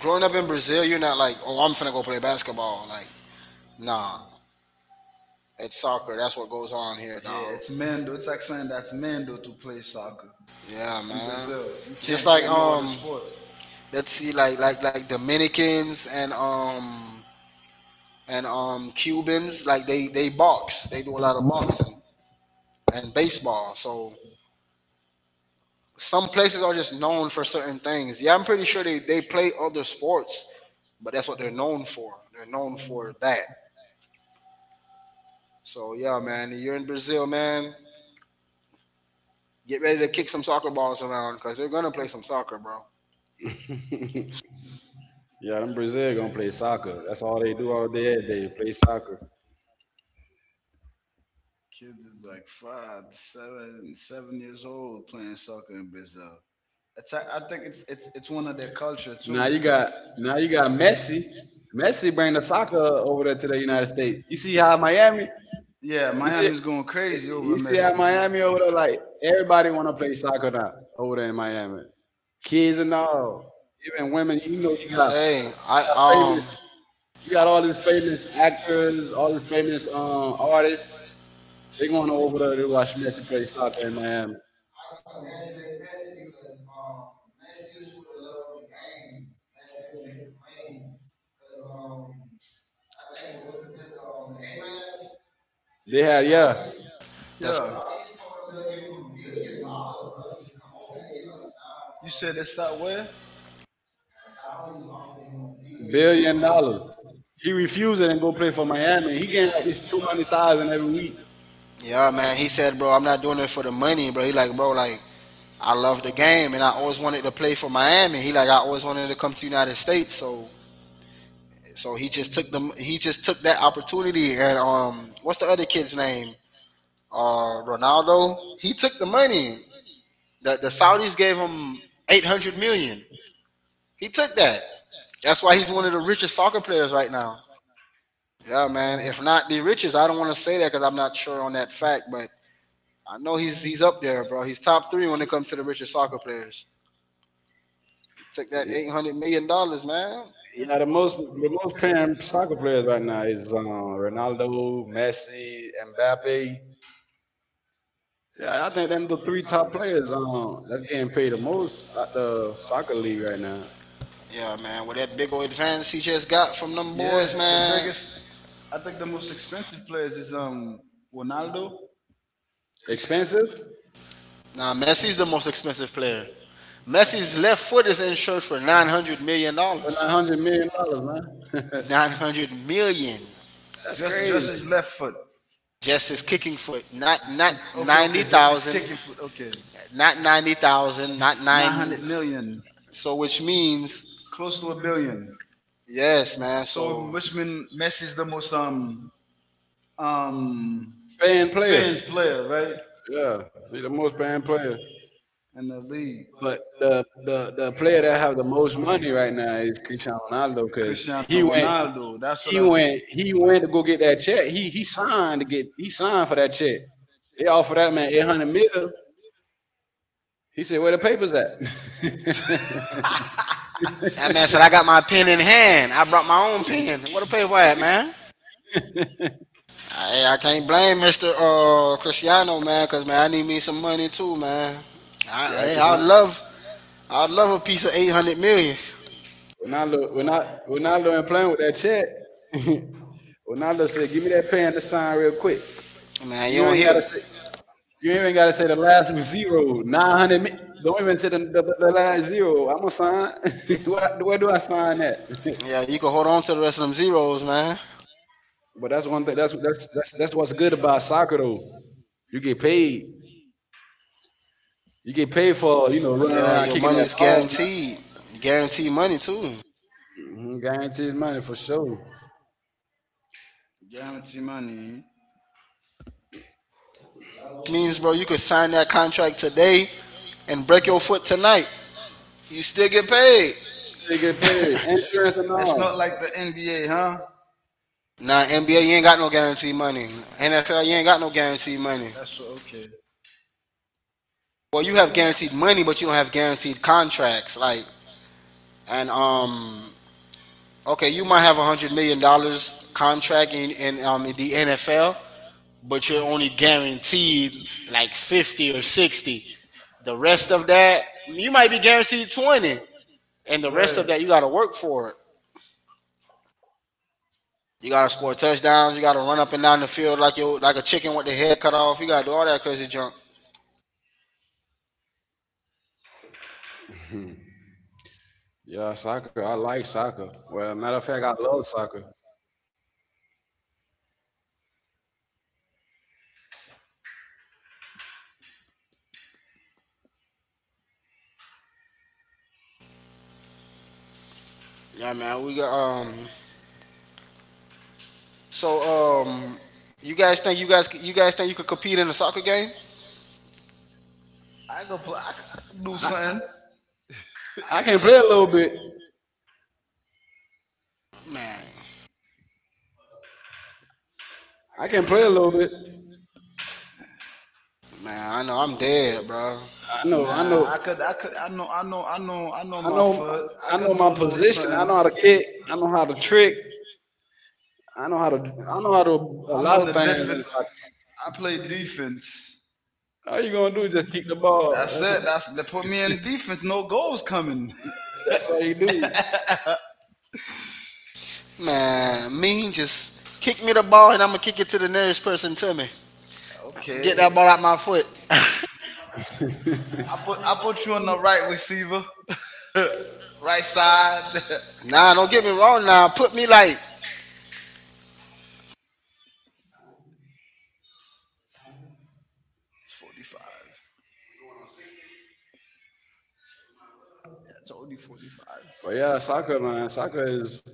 [SPEAKER 3] growing up in Brazil. You're not like oh I'm finna go play basketball. Like nah, it's soccer. That's what goes on here. Dog.
[SPEAKER 2] Yeah, it's Mando. It's like saying that's Mando to play soccer
[SPEAKER 3] Yeah,
[SPEAKER 2] in
[SPEAKER 3] man.
[SPEAKER 2] Brazil. You
[SPEAKER 3] Just
[SPEAKER 2] can't
[SPEAKER 3] like
[SPEAKER 2] play no other sport.
[SPEAKER 3] let's see, like Dominicans and Cubans like they box. They do a lot of boxing and baseball. So some places are just known for certain things. Yeah, I'm pretty sure they play other sports, but that's what they're known for. They're known for that. So yeah, man, you're in Brazil, man. Get ready to kick some soccer balls around because they're gonna play some soccer, bro.
[SPEAKER 1] (laughs) Yeah, them Brazil gonna play soccer. That's all they do all day. They play soccer.
[SPEAKER 2] Kids is like 5, 7 years old playing soccer in Brazil. I think it's one of their culture
[SPEAKER 1] Now
[SPEAKER 2] too.
[SPEAKER 1] you got now you
[SPEAKER 2] Now you
[SPEAKER 1] got
[SPEAKER 2] got
[SPEAKER 1] Messi.
[SPEAKER 2] Messi.
[SPEAKER 1] Messi
[SPEAKER 2] Messi
[SPEAKER 1] bring the
[SPEAKER 2] bringing the
[SPEAKER 1] soccer
[SPEAKER 2] soccer
[SPEAKER 1] over there
[SPEAKER 2] over
[SPEAKER 1] to
[SPEAKER 2] there to
[SPEAKER 1] the
[SPEAKER 2] the
[SPEAKER 1] United
[SPEAKER 2] United
[SPEAKER 1] States.
[SPEAKER 2] States.
[SPEAKER 1] You
[SPEAKER 2] You
[SPEAKER 1] see
[SPEAKER 2] see
[SPEAKER 1] how
[SPEAKER 2] how
[SPEAKER 1] Miami?
[SPEAKER 2] Miami? Yeah,
[SPEAKER 1] You see
[SPEAKER 2] Miami's going crazy
[SPEAKER 1] you
[SPEAKER 2] over You
[SPEAKER 1] see
[SPEAKER 2] see how
[SPEAKER 1] how
[SPEAKER 2] Messi.
[SPEAKER 1] Miami
[SPEAKER 2] Miami
[SPEAKER 1] over
[SPEAKER 2] over
[SPEAKER 1] there
[SPEAKER 2] there,
[SPEAKER 1] like
[SPEAKER 2] like
[SPEAKER 1] everybody
[SPEAKER 2] everybody
[SPEAKER 1] wanna play
[SPEAKER 2] want to play
[SPEAKER 1] soccer
[SPEAKER 2] soccer
[SPEAKER 1] now
[SPEAKER 2] now
[SPEAKER 1] over there
[SPEAKER 2] over
[SPEAKER 1] in
[SPEAKER 2] there
[SPEAKER 1] Miami. Kids and all, even women. You know, you got
[SPEAKER 3] Hey, I um,
[SPEAKER 1] famous. You got all these famous actors, all these famous artists. They going over there to watch Messi play soccer in Miami. They had, yeah,
[SPEAKER 2] in
[SPEAKER 3] that's
[SPEAKER 2] Miami. Yeah. Saudis told him they'll give him $1 billion, brother, just come over there. He like, nah, You bro. Said it's not where?
[SPEAKER 1] billion dollars. He refused it and go play for Miami. He gained like his 200,000 every week.
[SPEAKER 3] yeah,
[SPEAKER 2] Mm.
[SPEAKER 3] man.
[SPEAKER 2] Man,
[SPEAKER 3] He
[SPEAKER 2] he
[SPEAKER 3] said, bro,
[SPEAKER 2] said,
[SPEAKER 3] I'm
[SPEAKER 2] bro,
[SPEAKER 3] not
[SPEAKER 2] I'm not
[SPEAKER 3] doing it
[SPEAKER 2] doing
[SPEAKER 3] for the
[SPEAKER 2] this for the
[SPEAKER 3] money, bro.
[SPEAKER 2] money,
[SPEAKER 3] He
[SPEAKER 2] but
[SPEAKER 3] like,
[SPEAKER 2] like,
[SPEAKER 3] bro,
[SPEAKER 2] bro,
[SPEAKER 3] like
[SPEAKER 2] like,
[SPEAKER 3] I
[SPEAKER 2] I
[SPEAKER 3] love the
[SPEAKER 2] love the
[SPEAKER 3] game
[SPEAKER 2] game,
[SPEAKER 3] and I
[SPEAKER 2] and I
[SPEAKER 3] always
[SPEAKER 2] always
[SPEAKER 3] wanted to
[SPEAKER 2] wanted to
[SPEAKER 3] play
[SPEAKER 2] play
[SPEAKER 3] for
[SPEAKER 2] for
[SPEAKER 3] Miami. He
[SPEAKER 2] Miami,
[SPEAKER 3] like I
[SPEAKER 2] and I
[SPEAKER 3] always
[SPEAKER 2] always
[SPEAKER 3] wanted to
[SPEAKER 2] wanted
[SPEAKER 3] come to
[SPEAKER 2] to
[SPEAKER 3] United
[SPEAKER 2] come to
[SPEAKER 3] States. So
[SPEAKER 2] the
[SPEAKER 3] He just took them. He just took that opportunity. And what's the other kid's name? Ronaldo. He took the money. The Saudis gave him 800 million. He took that. That's why he's one of the richest soccer players right now. Yeah, man. If not the richest, I don't want to say that because I'm not sure on that fact, but I know he's up there, bro. He's top three when it comes to the richest soccer players. Took that eight
[SPEAKER 1] Yeah,
[SPEAKER 3] hundred million dollars, man.
[SPEAKER 1] yeah, the most paying soccer players right now is Ronaldo, Messi, Mbappe. Yeah, I think them the three top players that's getting paid the most at the soccer league right now.
[SPEAKER 3] Yeah, man. What that big old
[SPEAKER 2] United
[SPEAKER 3] advance he just
[SPEAKER 2] States.
[SPEAKER 3] got from them
[SPEAKER 2] Yeah,
[SPEAKER 3] boys,
[SPEAKER 2] the
[SPEAKER 3] man.
[SPEAKER 2] biggest, I think the most expensive players is Ronaldo, Chris,
[SPEAKER 1] Expensive? But
[SPEAKER 3] Now Messi is the most expensive player. Messi's left foot is insured for $900 million.
[SPEAKER 1] not hundred million dollars, man. (laughs)
[SPEAKER 3] 900 million dollars.
[SPEAKER 1] That's
[SPEAKER 2] just
[SPEAKER 1] crazy.
[SPEAKER 2] just his left foot.
[SPEAKER 3] Just his kicking foot. Not not
[SPEAKER 2] Okay, okay,
[SPEAKER 3] ninety
[SPEAKER 2] just his
[SPEAKER 3] thousand.
[SPEAKER 2] kicking
[SPEAKER 3] dollars.
[SPEAKER 2] foot. Okay,
[SPEAKER 3] Not 90,000 dollars. Not
[SPEAKER 2] nine hundred
[SPEAKER 3] nine
[SPEAKER 2] million,
[SPEAKER 3] so which means
[SPEAKER 2] close to a billion.
[SPEAKER 3] yes, man.
[SPEAKER 2] So
[SPEAKER 3] So
[SPEAKER 2] which means Messi is the most um
[SPEAKER 1] Paying player.
[SPEAKER 2] Penn's player, right?
[SPEAKER 1] Yeah, he's the most paying player.
[SPEAKER 2] In the league.
[SPEAKER 1] But the player that have the most money right now is
[SPEAKER 2] Cristiano Ronaldo.
[SPEAKER 1] Cristiano Ronaldo because
[SPEAKER 2] Cristiano
[SPEAKER 1] he went
[SPEAKER 2] Ronaldo. Went, That's He
[SPEAKER 1] he went he went to go get that check. He
[SPEAKER 2] went
[SPEAKER 1] he signed to
[SPEAKER 2] to
[SPEAKER 1] get he signed for that
[SPEAKER 2] signed.
[SPEAKER 1] check. They offered that man 800 mil. He said, "Where the papers at?"
[SPEAKER 3] that man said I got my pen in hand. I brought my own pen. What a pay for that,
[SPEAKER 1] (laughs)
[SPEAKER 3] man. I can't blame Mr. Cristiano, man, because man, I need me some money too, man. I,
[SPEAKER 1] Yeah,
[SPEAKER 3] hey, I would
[SPEAKER 1] Cristiano
[SPEAKER 3] love I'd love a piece of 800 million.
[SPEAKER 1] Ronaldo, Ronaldo, Ronaldo ain't playing with that check. (laughs) Ronaldo said, "Give me that pen to sign real quick.
[SPEAKER 3] Man, you
[SPEAKER 1] You
[SPEAKER 3] don't
[SPEAKER 1] ain't
[SPEAKER 3] hear.
[SPEAKER 1] gotta say, you ain't gotta say the last was zero, 900. Don't even say the last zero. I'm gonna sign. (laughs) Where do I sign that?"
[SPEAKER 3] Yeah, you can hold on to the rest of them zeros, man.
[SPEAKER 1] (laughs) But that's one thing. That's what's good about soccer though. You get paid. You get paid for running
[SPEAKER 3] Yeah,
[SPEAKER 1] around
[SPEAKER 3] your
[SPEAKER 1] kicking that
[SPEAKER 3] money's
[SPEAKER 1] ball. Man.
[SPEAKER 3] guaranteed. Guaranteed money, too. Which
[SPEAKER 1] Mhm, guaranteed money for sure.
[SPEAKER 2] Guarantee money.
[SPEAKER 3] means, bro, you could sign that contract today and break your foot tonight. You still get paid.
[SPEAKER 1] They get paid, insurance and
[SPEAKER 2] It's (laughs) not
[SPEAKER 1] all.
[SPEAKER 2] like the NBA, huh?
[SPEAKER 3] Nah, NBA, you ain't got no guaranteed money. NFL, you ain't got no guaranteed money.
[SPEAKER 2] That's what, okay.
[SPEAKER 3] Well, you have guaranteed money, but you don't have guaranteed contracts. Like, and, okay, you might have a $100 million dollars contract in the NFL, but you're only guaranteed like 50 or 60. The rest of that, you might be guaranteed 20. And the rest of that, you got to work for it. You got to score touchdowns. You got to run up and down the field like you like a chicken with the head cut off. You got to do all that crazy junk.
[SPEAKER 1] (laughs) Yeah, soccer. I like soccer. Well, matter of fact, I love soccer.
[SPEAKER 3] Yeah, man. We got. So um, you guys think you could compete in a soccer game?
[SPEAKER 2] I go play. I do
[SPEAKER 1] I,
[SPEAKER 2] something.
[SPEAKER 1] I can play a little bit.
[SPEAKER 3] Man,
[SPEAKER 1] I can play a little bit.
[SPEAKER 3] man. I know I'm dead, bro.
[SPEAKER 1] I know. I know.
[SPEAKER 2] Nah, I could, I know
[SPEAKER 1] I
[SPEAKER 2] my
[SPEAKER 1] know.
[SPEAKER 2] foot. I
[SPEAKER 1] I know
[SPEAKER 2] could
[SPEAKER 1] my
[SPEAKER 2] do a little
[SPEAKER 1] position. I
[SPEAKER 2] something.
[SPEAKER 1] know how to kick. I know how to trick. I know how to. I know how to a
[SPEAKER 2] I'm
[SPEAKER 1] lot
[SPEAKER 2] on
[SPEAKER 1] of
[SPEAKER 2] the
[SPEAKER 1] things in
[SPEAKER 2] defense. I play
[SPEAKER 1] soccer.
[SPEAKER 2] defense.
[SPEAKER 1] All you gonna do is just kick the ball.
[SPEAKER 2] That's
[SPEAKER 1] That's
[SPEAKER 2] it. That's they put me in defense. No goals coming. (laughs)
[SPEAKER 1] all you do.
[SPEAKER 3] Man, mean just kick me the ball and I'm gonna kick it to the nearest person to me. Get
[SPEAKER 2] Okay,
[SPEAKER 3] that ball out my foot.
[SPEAKER 1] (laughs)
[SPEAKER 2] I put you on the right receiver, (laughs) right side. (laughs) It's
[SPEAKER 3] Nah, don't get me wrong. Now put me like,
[SPEAKER 2] 45. Yeah, it's only 45.
[SPEAKER 1] But yeah, soccer, man. Soccer is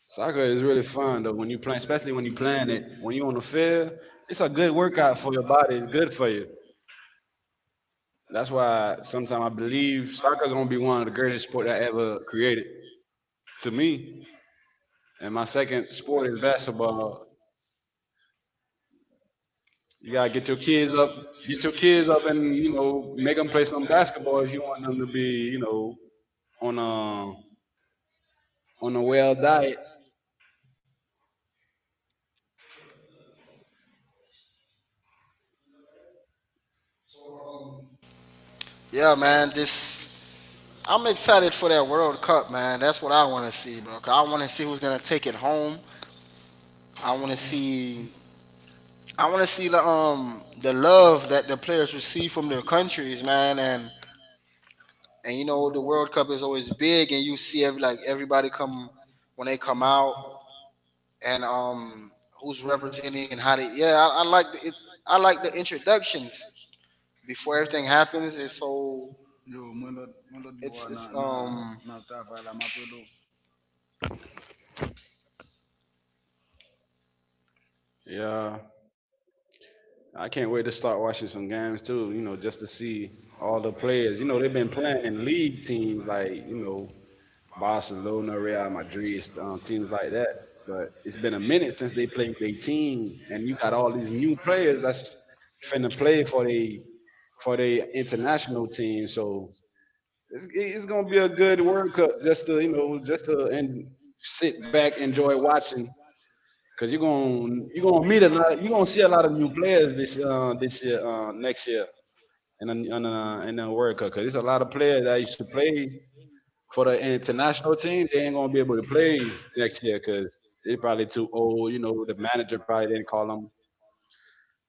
[SPEAKER 1] soccer is really fun though. When you play, especially when you playing it, when you on the field, it's a good workout for your body. It's good for you. That's why sometimes I believe soccer gonna be one of the greatest sport I ever created to me. And my second sport is basketball. You gotta get your kids up, and make them play some basketball if you want them to be, you know, on a on a well diet.
[SPEAKER 3] yeah, man. This I'm excited for that World Cup, man. That's what I want to see, bro. 'Cause I want to see who's gonna take it home. I want to see. I want to see the love that the players receive from their countries, man. And you know the World Cup is always big, and you see every like everybody come when they come out and who's representing and how they. Yeah, I like the introductions before everything happens. It's so.
[SPEAKER 2] Yo, mwen lot boy na
[SPEAKER 3] It's
[SPEAKER 2] na na travay la mapelo.
[SPEAKER 1] Yeah. I can't wait to start watching some games too, just to see all the players. You know, they've been playing in league teams like, Barcelona, Real Madrid, teams like that. But it's been a minute since they played with a team, and you got all these new players that's finna play for the international team. So it's gonna be a good World Cup just to just to and sit back enjoy watching. Cause you're gonna meet a lot. You're gonna see a lot of new players this this year next year in the in the World Cup. Cause there's a lot of players that used to play for the international team. They ain't gonna be able to play next year because they're probably too old. You know, the manager probably didn't call them.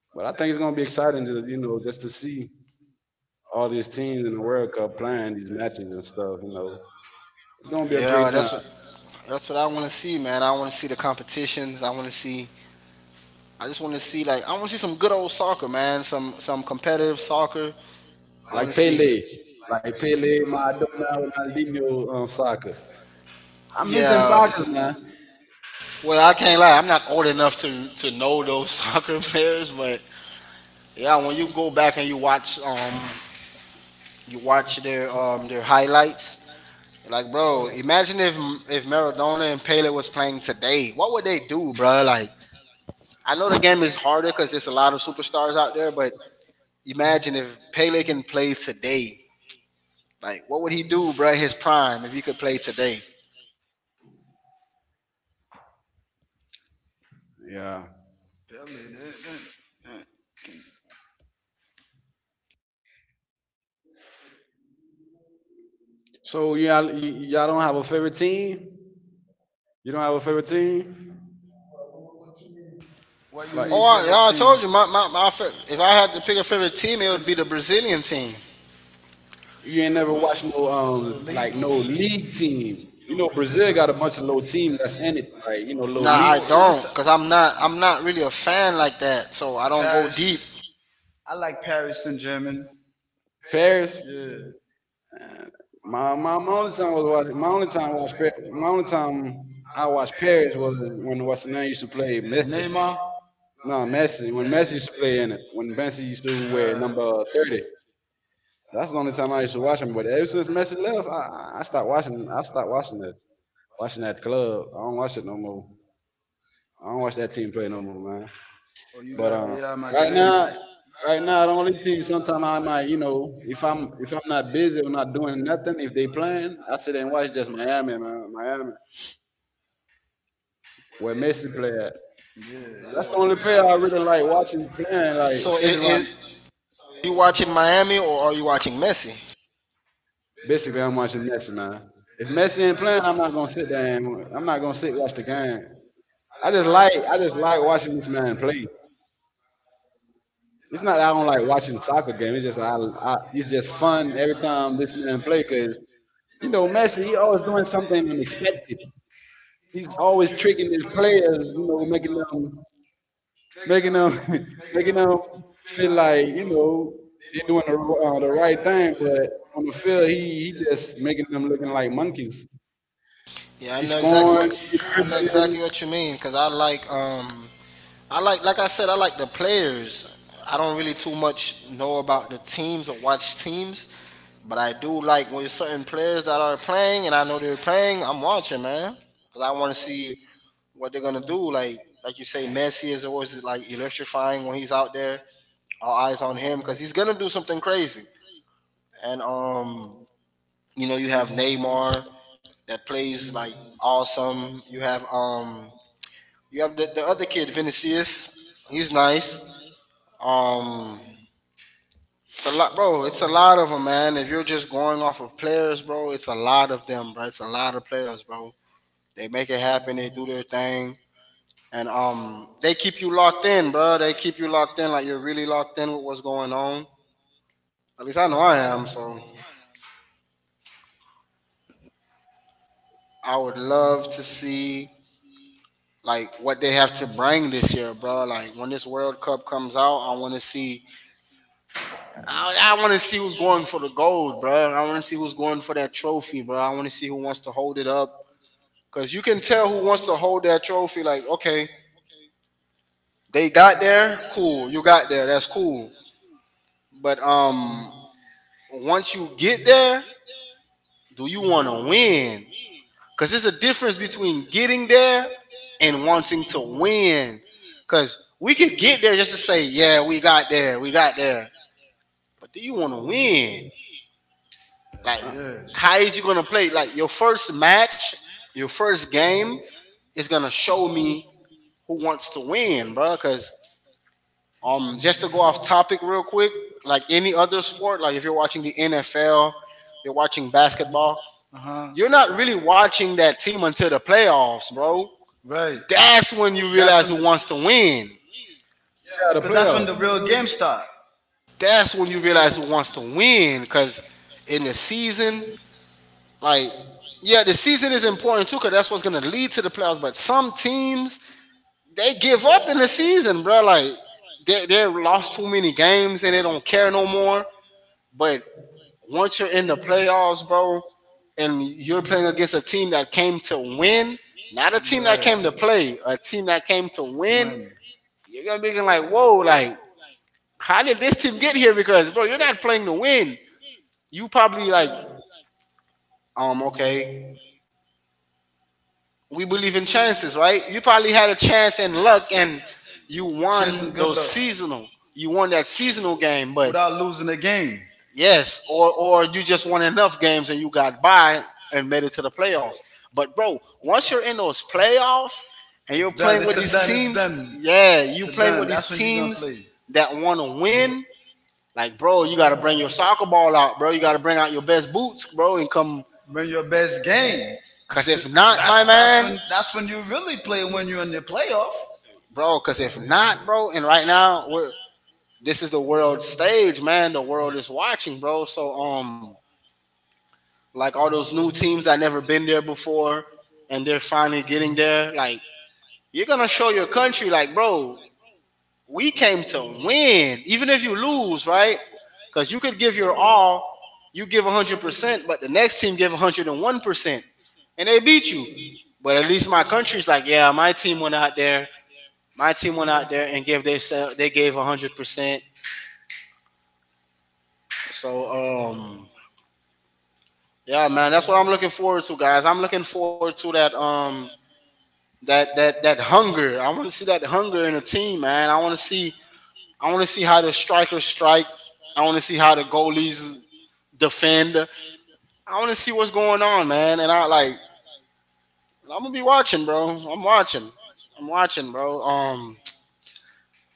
[SPEAKER 1] But I think it's gonna be exciting to just to see all these teams in the World Cup playing these matches and stuff. You know, it's gonna be a great
[SPEAKER 3] Yeah,
[SPEAKER 1] time.
[SPEAKER 3] that's what I want to see, man. I want to see the competitions. I want to see. I just want to see, like, I want to see some good old soccer, man. Some competitive soccer. I want
[SPEAKER 1] Like
[SPEAKER 3] to see.
[SPEAKER 1] Pele, like Pele, Maradona, Ronaldinho, soccer. I miss them
[SPEAKER 3] Yeah.
[SPEAKER 1] soccer, man.
[SPEAKER 3] Well, I can't lie. I'm not old enough to know those (laughs) soccer players, but yeah, when you go back and you watch their their highlights, like, bro, imagine if Maradona and Pele was playing today, what would they do, bro? Like, I know the game is harder because there's a lot of superstars out there, but imagine if Pele can play today. Like, what would he do, bro? His prime, if he could play today.
[SPEAKER 1] Yeah.
[SPEAKER 2] Pele, de, de, de.
[SPEAKER 1] So yeah, y'all don't have a favorite team? You don't have a favorite team?
[SPEAKER 2] What you
[SPEAKER 1] Like
[SPEAKER 2] mean
[SPEAKER 3] Oh,
[SPEAKER 2] favorite
[SPEAKER 3] yeah, I
[SPEAKER 2] team?
[SPEAKER 3] told you, my if I had to pick a favorite team, it
[SPEAKER 2] Could
[SPEAKER 3] would
[SPEAKER 2] you,
[SPEAKER 3] be the Brazilian team.
[SPEAKER 1] you ain't never watched no like no league team. You know Brazil got a bunch of little team that's in it, like you know little
[SPEAKER 3] Nah,
[SPEAKER 1] league
[SPEAKER 3] I
[SPEAKER 1] team.
[SPEAKER 3] don't, cause I'm not really a fan like that. So I don't go deep.
[SPEAKER 2] Paris. I like Paris Saint Germain.
[SPEAKER 1] Paris,
[SPEAKER 2] Yeah.
[SPEAKER 1] my only time I was watching my only time my only time I watched Paris was when what's the name used to play Messi.
[SPEAKER 2] Neymar. Nah,
[SPEAKER 1] No, Messi. When Messi
[SPEAKER 2] Messi.
[SPEAKER 1] used to play in it, when Messi used to wear number 30, that's the only time I used to watch him. But ever since Messi left, I stopped watching. I stopped watching it. Watching at the club. I don't watch it no more. I don't watch that team play no more, man.
[SPEAKER 2] Oh, you
[SPEAKER 1] But
[SPEAKER 2] got Real
[SPEAKER 1] right now, right now, the only thing sometimes I might, you know, if I'm not busy or not doing nothing, if they playing, I sit and watch just Miami, man, Miami, where Messi play at.
[SPEAKER 2] Yeah, yeah,
[SPEAKER 1] That's the only player I really like watching playing, like
[SPEAKER 3] So
[SPEAKER 1] especially
[SPEAKER 3] it,
[SPEAKER 1] right. now.
[SPEAKER 3] it you watching Miami, or are you watching Messi?
[SPEAKER 1] Basically, I'm watching Messi, man. If Messi ain't playing, I'm not gonna sit there. And, I'm not gonna sit watch the game. I just like watching this man play. It's not I don't like watching soccer game. It's just I it's just fun every time this man play because you know Messi he always doing something unexpected. He's always tricking his players, you know, making them making them (laughs) making them feel like you know they're doing the right thing, but on the field he just making them looking like monkeys.
[SPEAKER 3] Yeah, I
[SPEAKER 1] He's
[SPEAKER 3] know exactly what,
[SPEAKER 1] scoring, he's dribbling.
[SPEAKER 3] exactly what you mean, cause I like I said, I like the players. I don't really too much know about the teams or watch teams. But I do like when certain players that are playing, and I know they're playing, I'm watching, man, because I want to see what they're gonna do. Like you say, Messi is always like electrifying when he's out there. All eyes on him because he's gonna do something crazy. And you know, you have Neymar that plays like awesome. You have the other kid, Vinicius. He's nice. Um, it's a lot, bro. It's a lot of them, man. If you're just going off of players, bro, it's a lot of them, bro. It's a lot of players, bro. They make it happen. They do their thing, and they keep you locked in, bro. They keep you locked in, like you're really locked in with what's going on. At least I know I am. So I would love to see like what they have to bring this year, bro. Like when this World Cup comes out, I want to see. I want to see who's going for the gold, bro. I want to see who's going for that trophy, bro. I want to see who wants to hold it up, because you can tell who wants to hold that trophy. Like, okay, they got there, cool. You got there, that's cool. But once you get there, do you want to win? Because there's a difference between getting there and wanting to win. Because we could get there just to say, yeah, we got there, we got there. But do you want to win?
[SPEAKER 2] like
[SPEAKER 3] Like,
[SPEAKER 2] yeah,
[SPEAKER 1] Uh,
[SPEAKER 2] yeah.
[SPEAKER 3] how is you going to play? Like, your first match, your first game is going to show me who wants to win, bro. Because, just to go off topic real quick, like any other sport, like if you're watching the NFL, you're watching basketball,
[SPEAKER 2] Uh huh.
[SPEAKER 3] you're not really watching that team until the playoffs, bro.
[SPEAKER 2] Right.
[SPEAKER 3] That's when you realize who wants to win.
[SPEAKER 1] yeah, the
[SPEAKER 2] That's
[SPEAKER 1] playoff.
[SPEAKER 2] when start.
[SPEAKER 3] That's when you realize who wants to win. Because in the season, like, yeah, the season is important too, because that's what's going to lead to the playoffs. But some teams, they give up in the season, bro. Like, they lost too many games and they don't care no more. But once you're in the playoffs, bro, and you're playing against a team that came to win, not a team that came to play, a team that came to win,
[SPEAKER 2] Win.
[SPEAKER 3] you're gonna be looking like, whoa, like, how did this team get here? Because, bro, you're not playing to win. You probably like, okay, we believe in chances, right? You probably had a chance and luck, and you
[SPEAKER 2] Chance
[SPEAKER 3] won
[SPEAKER 2] and good
[SPEAKER 3] those
[SPEAKER 2] luck
[SPEAKER 3] seasonal. You won that seasonal game, but
[SPEAKER 2] without losing a game.
[SPEAKER 3] yes, or you just won enough games and you got by and made it to the playoffs. But bro, once you're in those playoffs and you're
[SPEAKER 2] It's done.
[SPEAKER 3] playing
[SPEAKER 2] It's a done. It's
[SPEAKER 3] teams,
[SPEAKER 2] done.
[SPEAKER 3] yeah, you
[SPEAKER 2] It's a
[SPEAKER 3] play
[SPEAKER 2] done. That's when you're gonna
[SPEAKER 3] team
[SPEAKER 2] play.
[SPEAKER 3] that want to win. Like, bro, you gotta bring your soccer ball out, bro. You gotta bring out your best boots, bro, and come.
[SPEAKER 2] When your best game.
[SPEAKER 3] Cause if
[SPEAKER 2] (laughs)
[SPEAKER 3] not,
[SPEAKER 2] That's
[SPEAKER 3] my
[SPEAKER 2] that's
[SPEAKER 3] man,
[SPEAKER 2] when that's when you really play when you're in the playoff.
[SPEAKER 3] bro. Cause if not, bro, and right now we're this is the world stage, man. The world is watching, bro. So, like all those new teams that never been there before, and they're finally getting there. Like, you're gonna show your country, like, bro, we came to win, even if you lose, right? Cause you could give your all, you give 100%, but the next team give 101%, and 1%, and they beat you. But at least my country's like, yeah, my team went out there. My team went out there and gave they gave 100%. So, yeah, man, that's what I'm looking forward to, guys. I'm looking forward to that hunger. I want to see that hunger in a team, man. I want to see how the strikers strike. I want to see how the goalies defend. I want to see what's going on, man. And I like, I'm gonna be watching, bro. I'm watching. I'm watching, bro.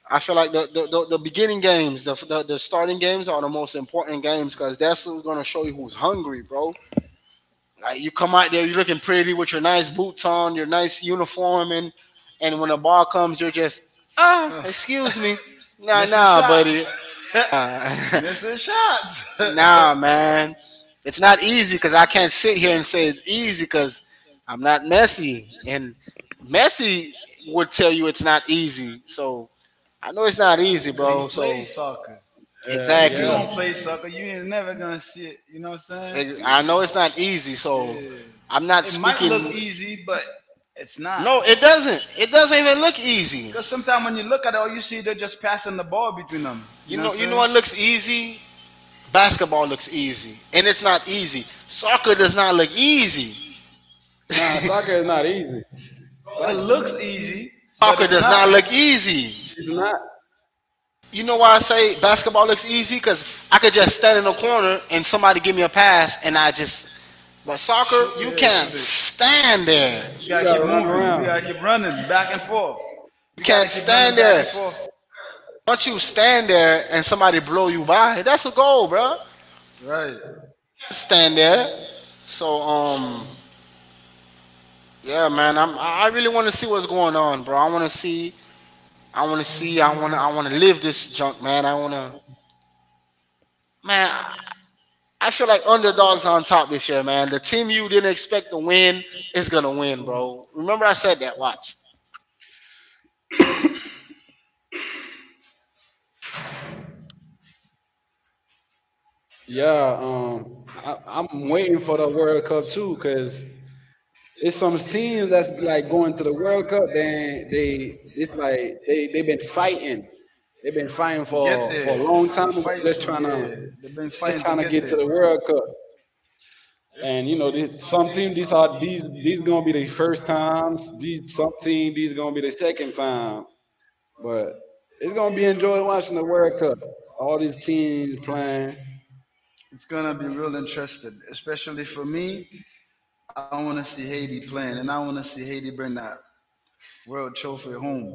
[SPEAKER 3] I feel like the beginning games, the starting games are the most important games because that's what's gonna show you who's hungry, bro. Like, you come out there, you're looking pretty with your nice boots on, your nice uniform, and when the ball comes, you're just
[SPEAKER 2] (laughs)
[SPEAKER 3] excuse me, nah,
[SPEAKER 2] Missing
[SPEAKER 3] nah, buddy,
[SPEAKER 2] shots.
[SPEAKER 3] nah,
[SPEAKER 2] (laughs) Missing shots.
[SPEAKER 3] (laughs)
[SPEAKER 2] (laughs)
[SPEAKER 3] nah, man. It's not easy, because I can't sit here and say it's easy, because I'm not Messi, and Messi would tell you it's not easy. So I know it's not easy,
[SPEAKER 2] 'Cause
[SPEAKER 3] bro.
[SPEAKER 2] he
[SPEAKER 3] So
[SPEAKER 2] plays soccer. You
[SPEAKER 3] exactly.
[SPEAKER 2] don't play
[SPEAKER 1] Yeah.
[SPEAKER 2] soccer, you ain't never gonna see it. You know what I'm saying?
[SPEAKER 3] I know it's not easy, so
[SPEAKER 2] Yeah.
[SPEAKER 3] I'm not.
[SPEAKER 2] It might look easy, but it's not.
[SPEAKER 3] No, it doesn't. It doesn't even look easy.
[SPEAKER 2] Because sometimes when you look at it, all you see they're just passing the ball between them. You know what I'm
[SPEAKER 3] You know
[SPEAKER 2] saying?
[SPEAKER 3] what looks easy? Basketball looks easy, and it's not easy. Soccer does not look easy.
[SPEAKER 1] Nah, soccer
[SPEAKER 3] (laughs)
[SPEAKER 1] is not easy.
[SPEAKER 2] It
[SPEAKER 1] Soccer,
[SPEAKER 2] looks easy, but
[SPEAKER 3] Soccer
[SPEAKER 2] it's
[SPEAKER 3] does
[SPEAKER 2] not.
[SPEAKER 3] not look easy.
[SPEAKER 1] it's not.
[SPEAKER 3] You know why I say basketball looks easy? Cause I could just stand in a corner and somebody give me a pass, and I just. But soccer,
[SPEAKER 2] Shoot,
[SPEAKER 3] you
[SPEAKER 2] yeah,
[SPEAKER 3] can't
[SPEAKER 2] shoot it.
[SPEAKER 3] stand there.
[SPEAKER 2] You
[SPEAKER 1] You
[SPEAKER 2] gotta keep
[SPEAKER 1] gotta run
[SPEAKER 2] moving. You gotta
[SPEAKER 1] around.
[SPEAKER 2] keep running back and forth.
[SPEAKER 3] You
[SPEAKER 2] You gotta
[SPEAKER 3] can't
[SPEAKER 2] keep running
[SPEAKER 3] stand
[SPEAKER 2] back
[SPEAKER 3] there.
[SPEAKER 2] and forth.
[SPEAKER 3] Once you stand there and somebody blow you by, that's a goal, bro.
[SPEAKER 2] Right.
[SPEAKER 3] Stand there. So yeah, man, I really want to see what's going on, bro. I want to see I want to see I want to live this junk, man. I want to Man, I feel like underdogs on top this year, man. The team you didn't expect to win is going to win, bro. Remember I said that, watch.
[SPEAKER 1] Yeah, I'm waiting for the World Cup too, cause it's some teams that's like going to the World Cup. Then they, it's like they've been fighting. They've been fighting
[SPEAKER 2] To get
[SPEAKER 1] for
[SPEAKER 2] there,
[SPEAKER 1] a long
[SPEAKER 2] they
[SPEAKER 1] time ago,
[SPEAKER 2] fight. Yeah, they've been
[SPEAKER 1] just
[SPEAKER 2] fighting to
[SPEAKER 1] trying to
[SPEAKER 2] get
[SPEAKER 1] get to
[SPEAKER 2] there.
[SPEAKER 1] the World Cup. And you know, this, some team these are these gonna be the first times. These some team these gonna be the second time. But it's gonna be enjoy watching the World Cup. All these teams playing.
[SPEAKER 2] It's gonna be real interesting, especially for me. I want to see Haiti playing, and I want to see Haiti bring that world trophy home.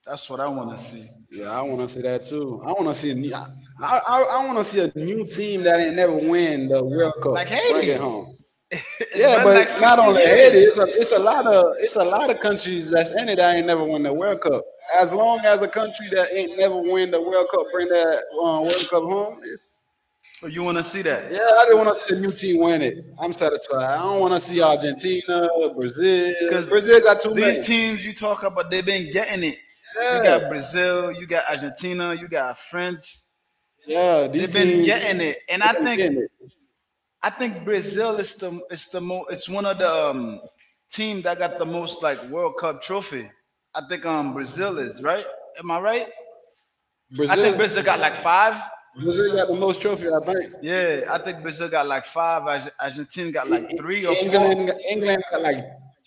[SPEAKER 2] That's what I want to see. I
[SPEAKER 1] Yeah, I want to see that
[SPEAKER 2] want
[SPEAKER 1] too.
[SPEAKER 2] want to see.
[SPEAKER 1] I want to see a new
[SPEAKER 2] See
[SPEAKER 1] team
[SPEAKER 2] that
[SPEAKER 1] that ain't
[SPEAKER 2] that
[SPEAKER 1] never win
[SPEAKER 2] too.
[SPEAKER 1] the World Cup. Bring
[SPEAKER 2] Haiti,
[SPEAKER 1] it home.
[SPEAKER 2] (laughs) it's
[SPEAKER 1] Yeah,
[SPEAKER 2] been like
[SPEAKER 1] but not
[SPEAKER 2] 50 a
[SPEAKER 1] only
[SPEAKER 2] a
[SPEAKER 1] Haiti,
[SPEAKER 2] lot
[SPEAKER 1] it's a lot of countries that's in it that
[SPEAKER 2] the
[SPEAKER 1] ain't never
[SPEAKER 2] World
[SPEAKER 1] win
[SPEAKER 2] World
[SPEAKER 1] the World Cup.
[SPEAKER 2] Cup.
[SPEAKER 1] As
[SPEAKER 2] Long
[SPEAKER 1] long as a country that ain't never
[SPEAKER 2] that
[SPEAKER 1] win the World Cup bring that World Cup home, it's,
[SPEAKER 2] Oh, you want to see that?
[SPEAKER 1] yeah, I just want to
[SPEAKER 2] Yeah,
[SPEAKER 1] see a new team win it. I'm satisfied. I don't want to see Argentina, Brazil.
[SPEAKER 2] Because
[SPEAKER 1] Brazil got too many.
[SPEAKER 2] these teams you talk about, they've been getting it.
[SPEAKER 1] Yeah,
[SPEAKER 2] Yeah. You got Brazil, you got Argentina, you got France.
[SPEAKER 1] yeah, these
[SPEAKER 2] They've been
[SPEAKER 1] teams
[SPEAKER 2] getting it, and
[SPEAKER 1] they've
[SPEAKER 2] I
[SPEAKER 1] been
[SPEAKER 2] think
[SPEAKER 1] getting it.
[SPEAKER 2] I think Brazil is the it's the mo it's one of the team that got the most like World Cup trophy. I think Brazil is right. Am I right? I
[SPEAKER 1] Brazil
[SPEAKER 2] think Brazil
[SPEAKER 1] is
[SPEAKER 2] got like five.
[SPEAKER 1] Brazil got the most trophy, I think.
[SPEAKER 2] Yeah, I think Brazil got like five. Argentina got
[SPEAKER 1] E-
[SPEAKER 2] like three or four.
[SPEAKER 1] England, England got like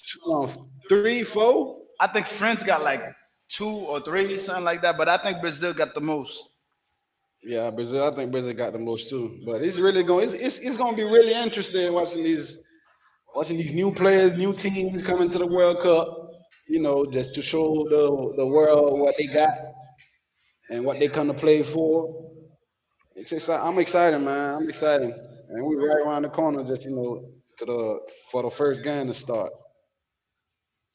[SPEAKER 1] two, three, four.
[SPEAKER 2] I think France got like two or three, something like that. But I think Brazil got the most.
[SPEAKER 1] Yeah, Brazil. I think Brazil got the most too. But it's really going. It's going to be really interesting watching these new players, new teams coming to the World Cup. You know, just to show the world what they got and what they come to play for. I'm excited, man. I'm excited, and we right around the corner. Just you know, to the for the first game to start.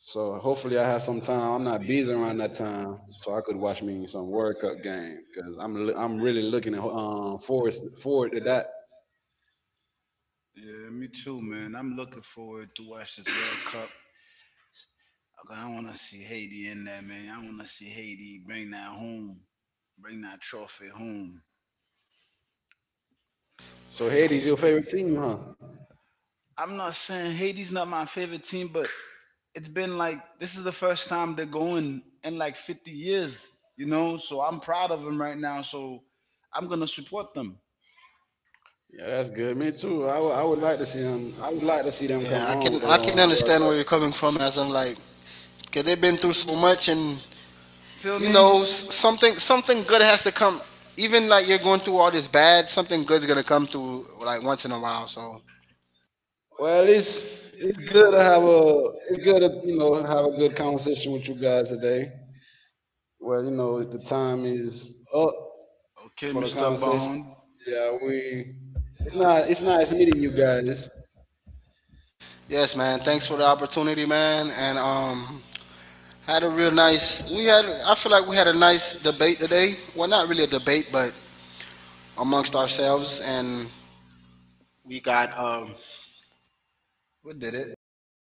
[SPEAKER 1] So hopefully I have some time. I'm not busy around that time, so I could watch me some World Cup game because I'm really looking at, forward to that.
[SPEAKER 2] Yeah, me too, man. I'm looking forward to watch this World Cup. Okay, I want to see Haiti in there, man. I want to see Haiti bring that home, bring that trophy home.
[SPEAKER 1] So Haiti's your favorite team, huh?
[SPEAKER 2] I'm not saying Haiti's not my favorite team, but it's been like this is the first time they're going in like 50 years, you know. So I'm proud of them right now. So I'm gonna support them.
[SPEAKER 1] Yeah, that's good. Me too. I would like to see them. I would like to see them come
[SPEAKER 3] Yeah, I
[SPEAKER 1] home with
[SPEAKER 3] can
[SPEAKER 1] the
[SPEAKER 3] I can
[SPEAKER 1] World
[SPEAKER 3] understand
[SPEAKER 1] Cup.
[SPEAKER 3] where you're coming from, as I'm like, cause they've been through so much, and
[SPEAKER 2] Feel
[SPEAKER 3] you
[SPEAKER 2] me?
[SPEAKER 3] know, something good has to come. Even like you're going through all this bad, something good's gonna come through like once in a while. So
[SPEAKER 1] Well, it's good to have a it's good to you know have a good conversation with you guys today. Well, you know the time is up
[SPEAKER 2] Okay,
[SPEAKER 1] for the
[SPEAKER 2] Mr.
[SPEAKER 1] conversation.
[SPEAKER 2] Bond,
[SPEAKER 1] Yeah, we it's not it's nice meeting you guys.
[SPEAKER 3] yes, man. Thanks for the opportunity, man. And had a real nice. We had. I feel like we had a nice debate today. Well, not really a debate, but amongst ourselves, and we got
[SPEAKER 2] we did it.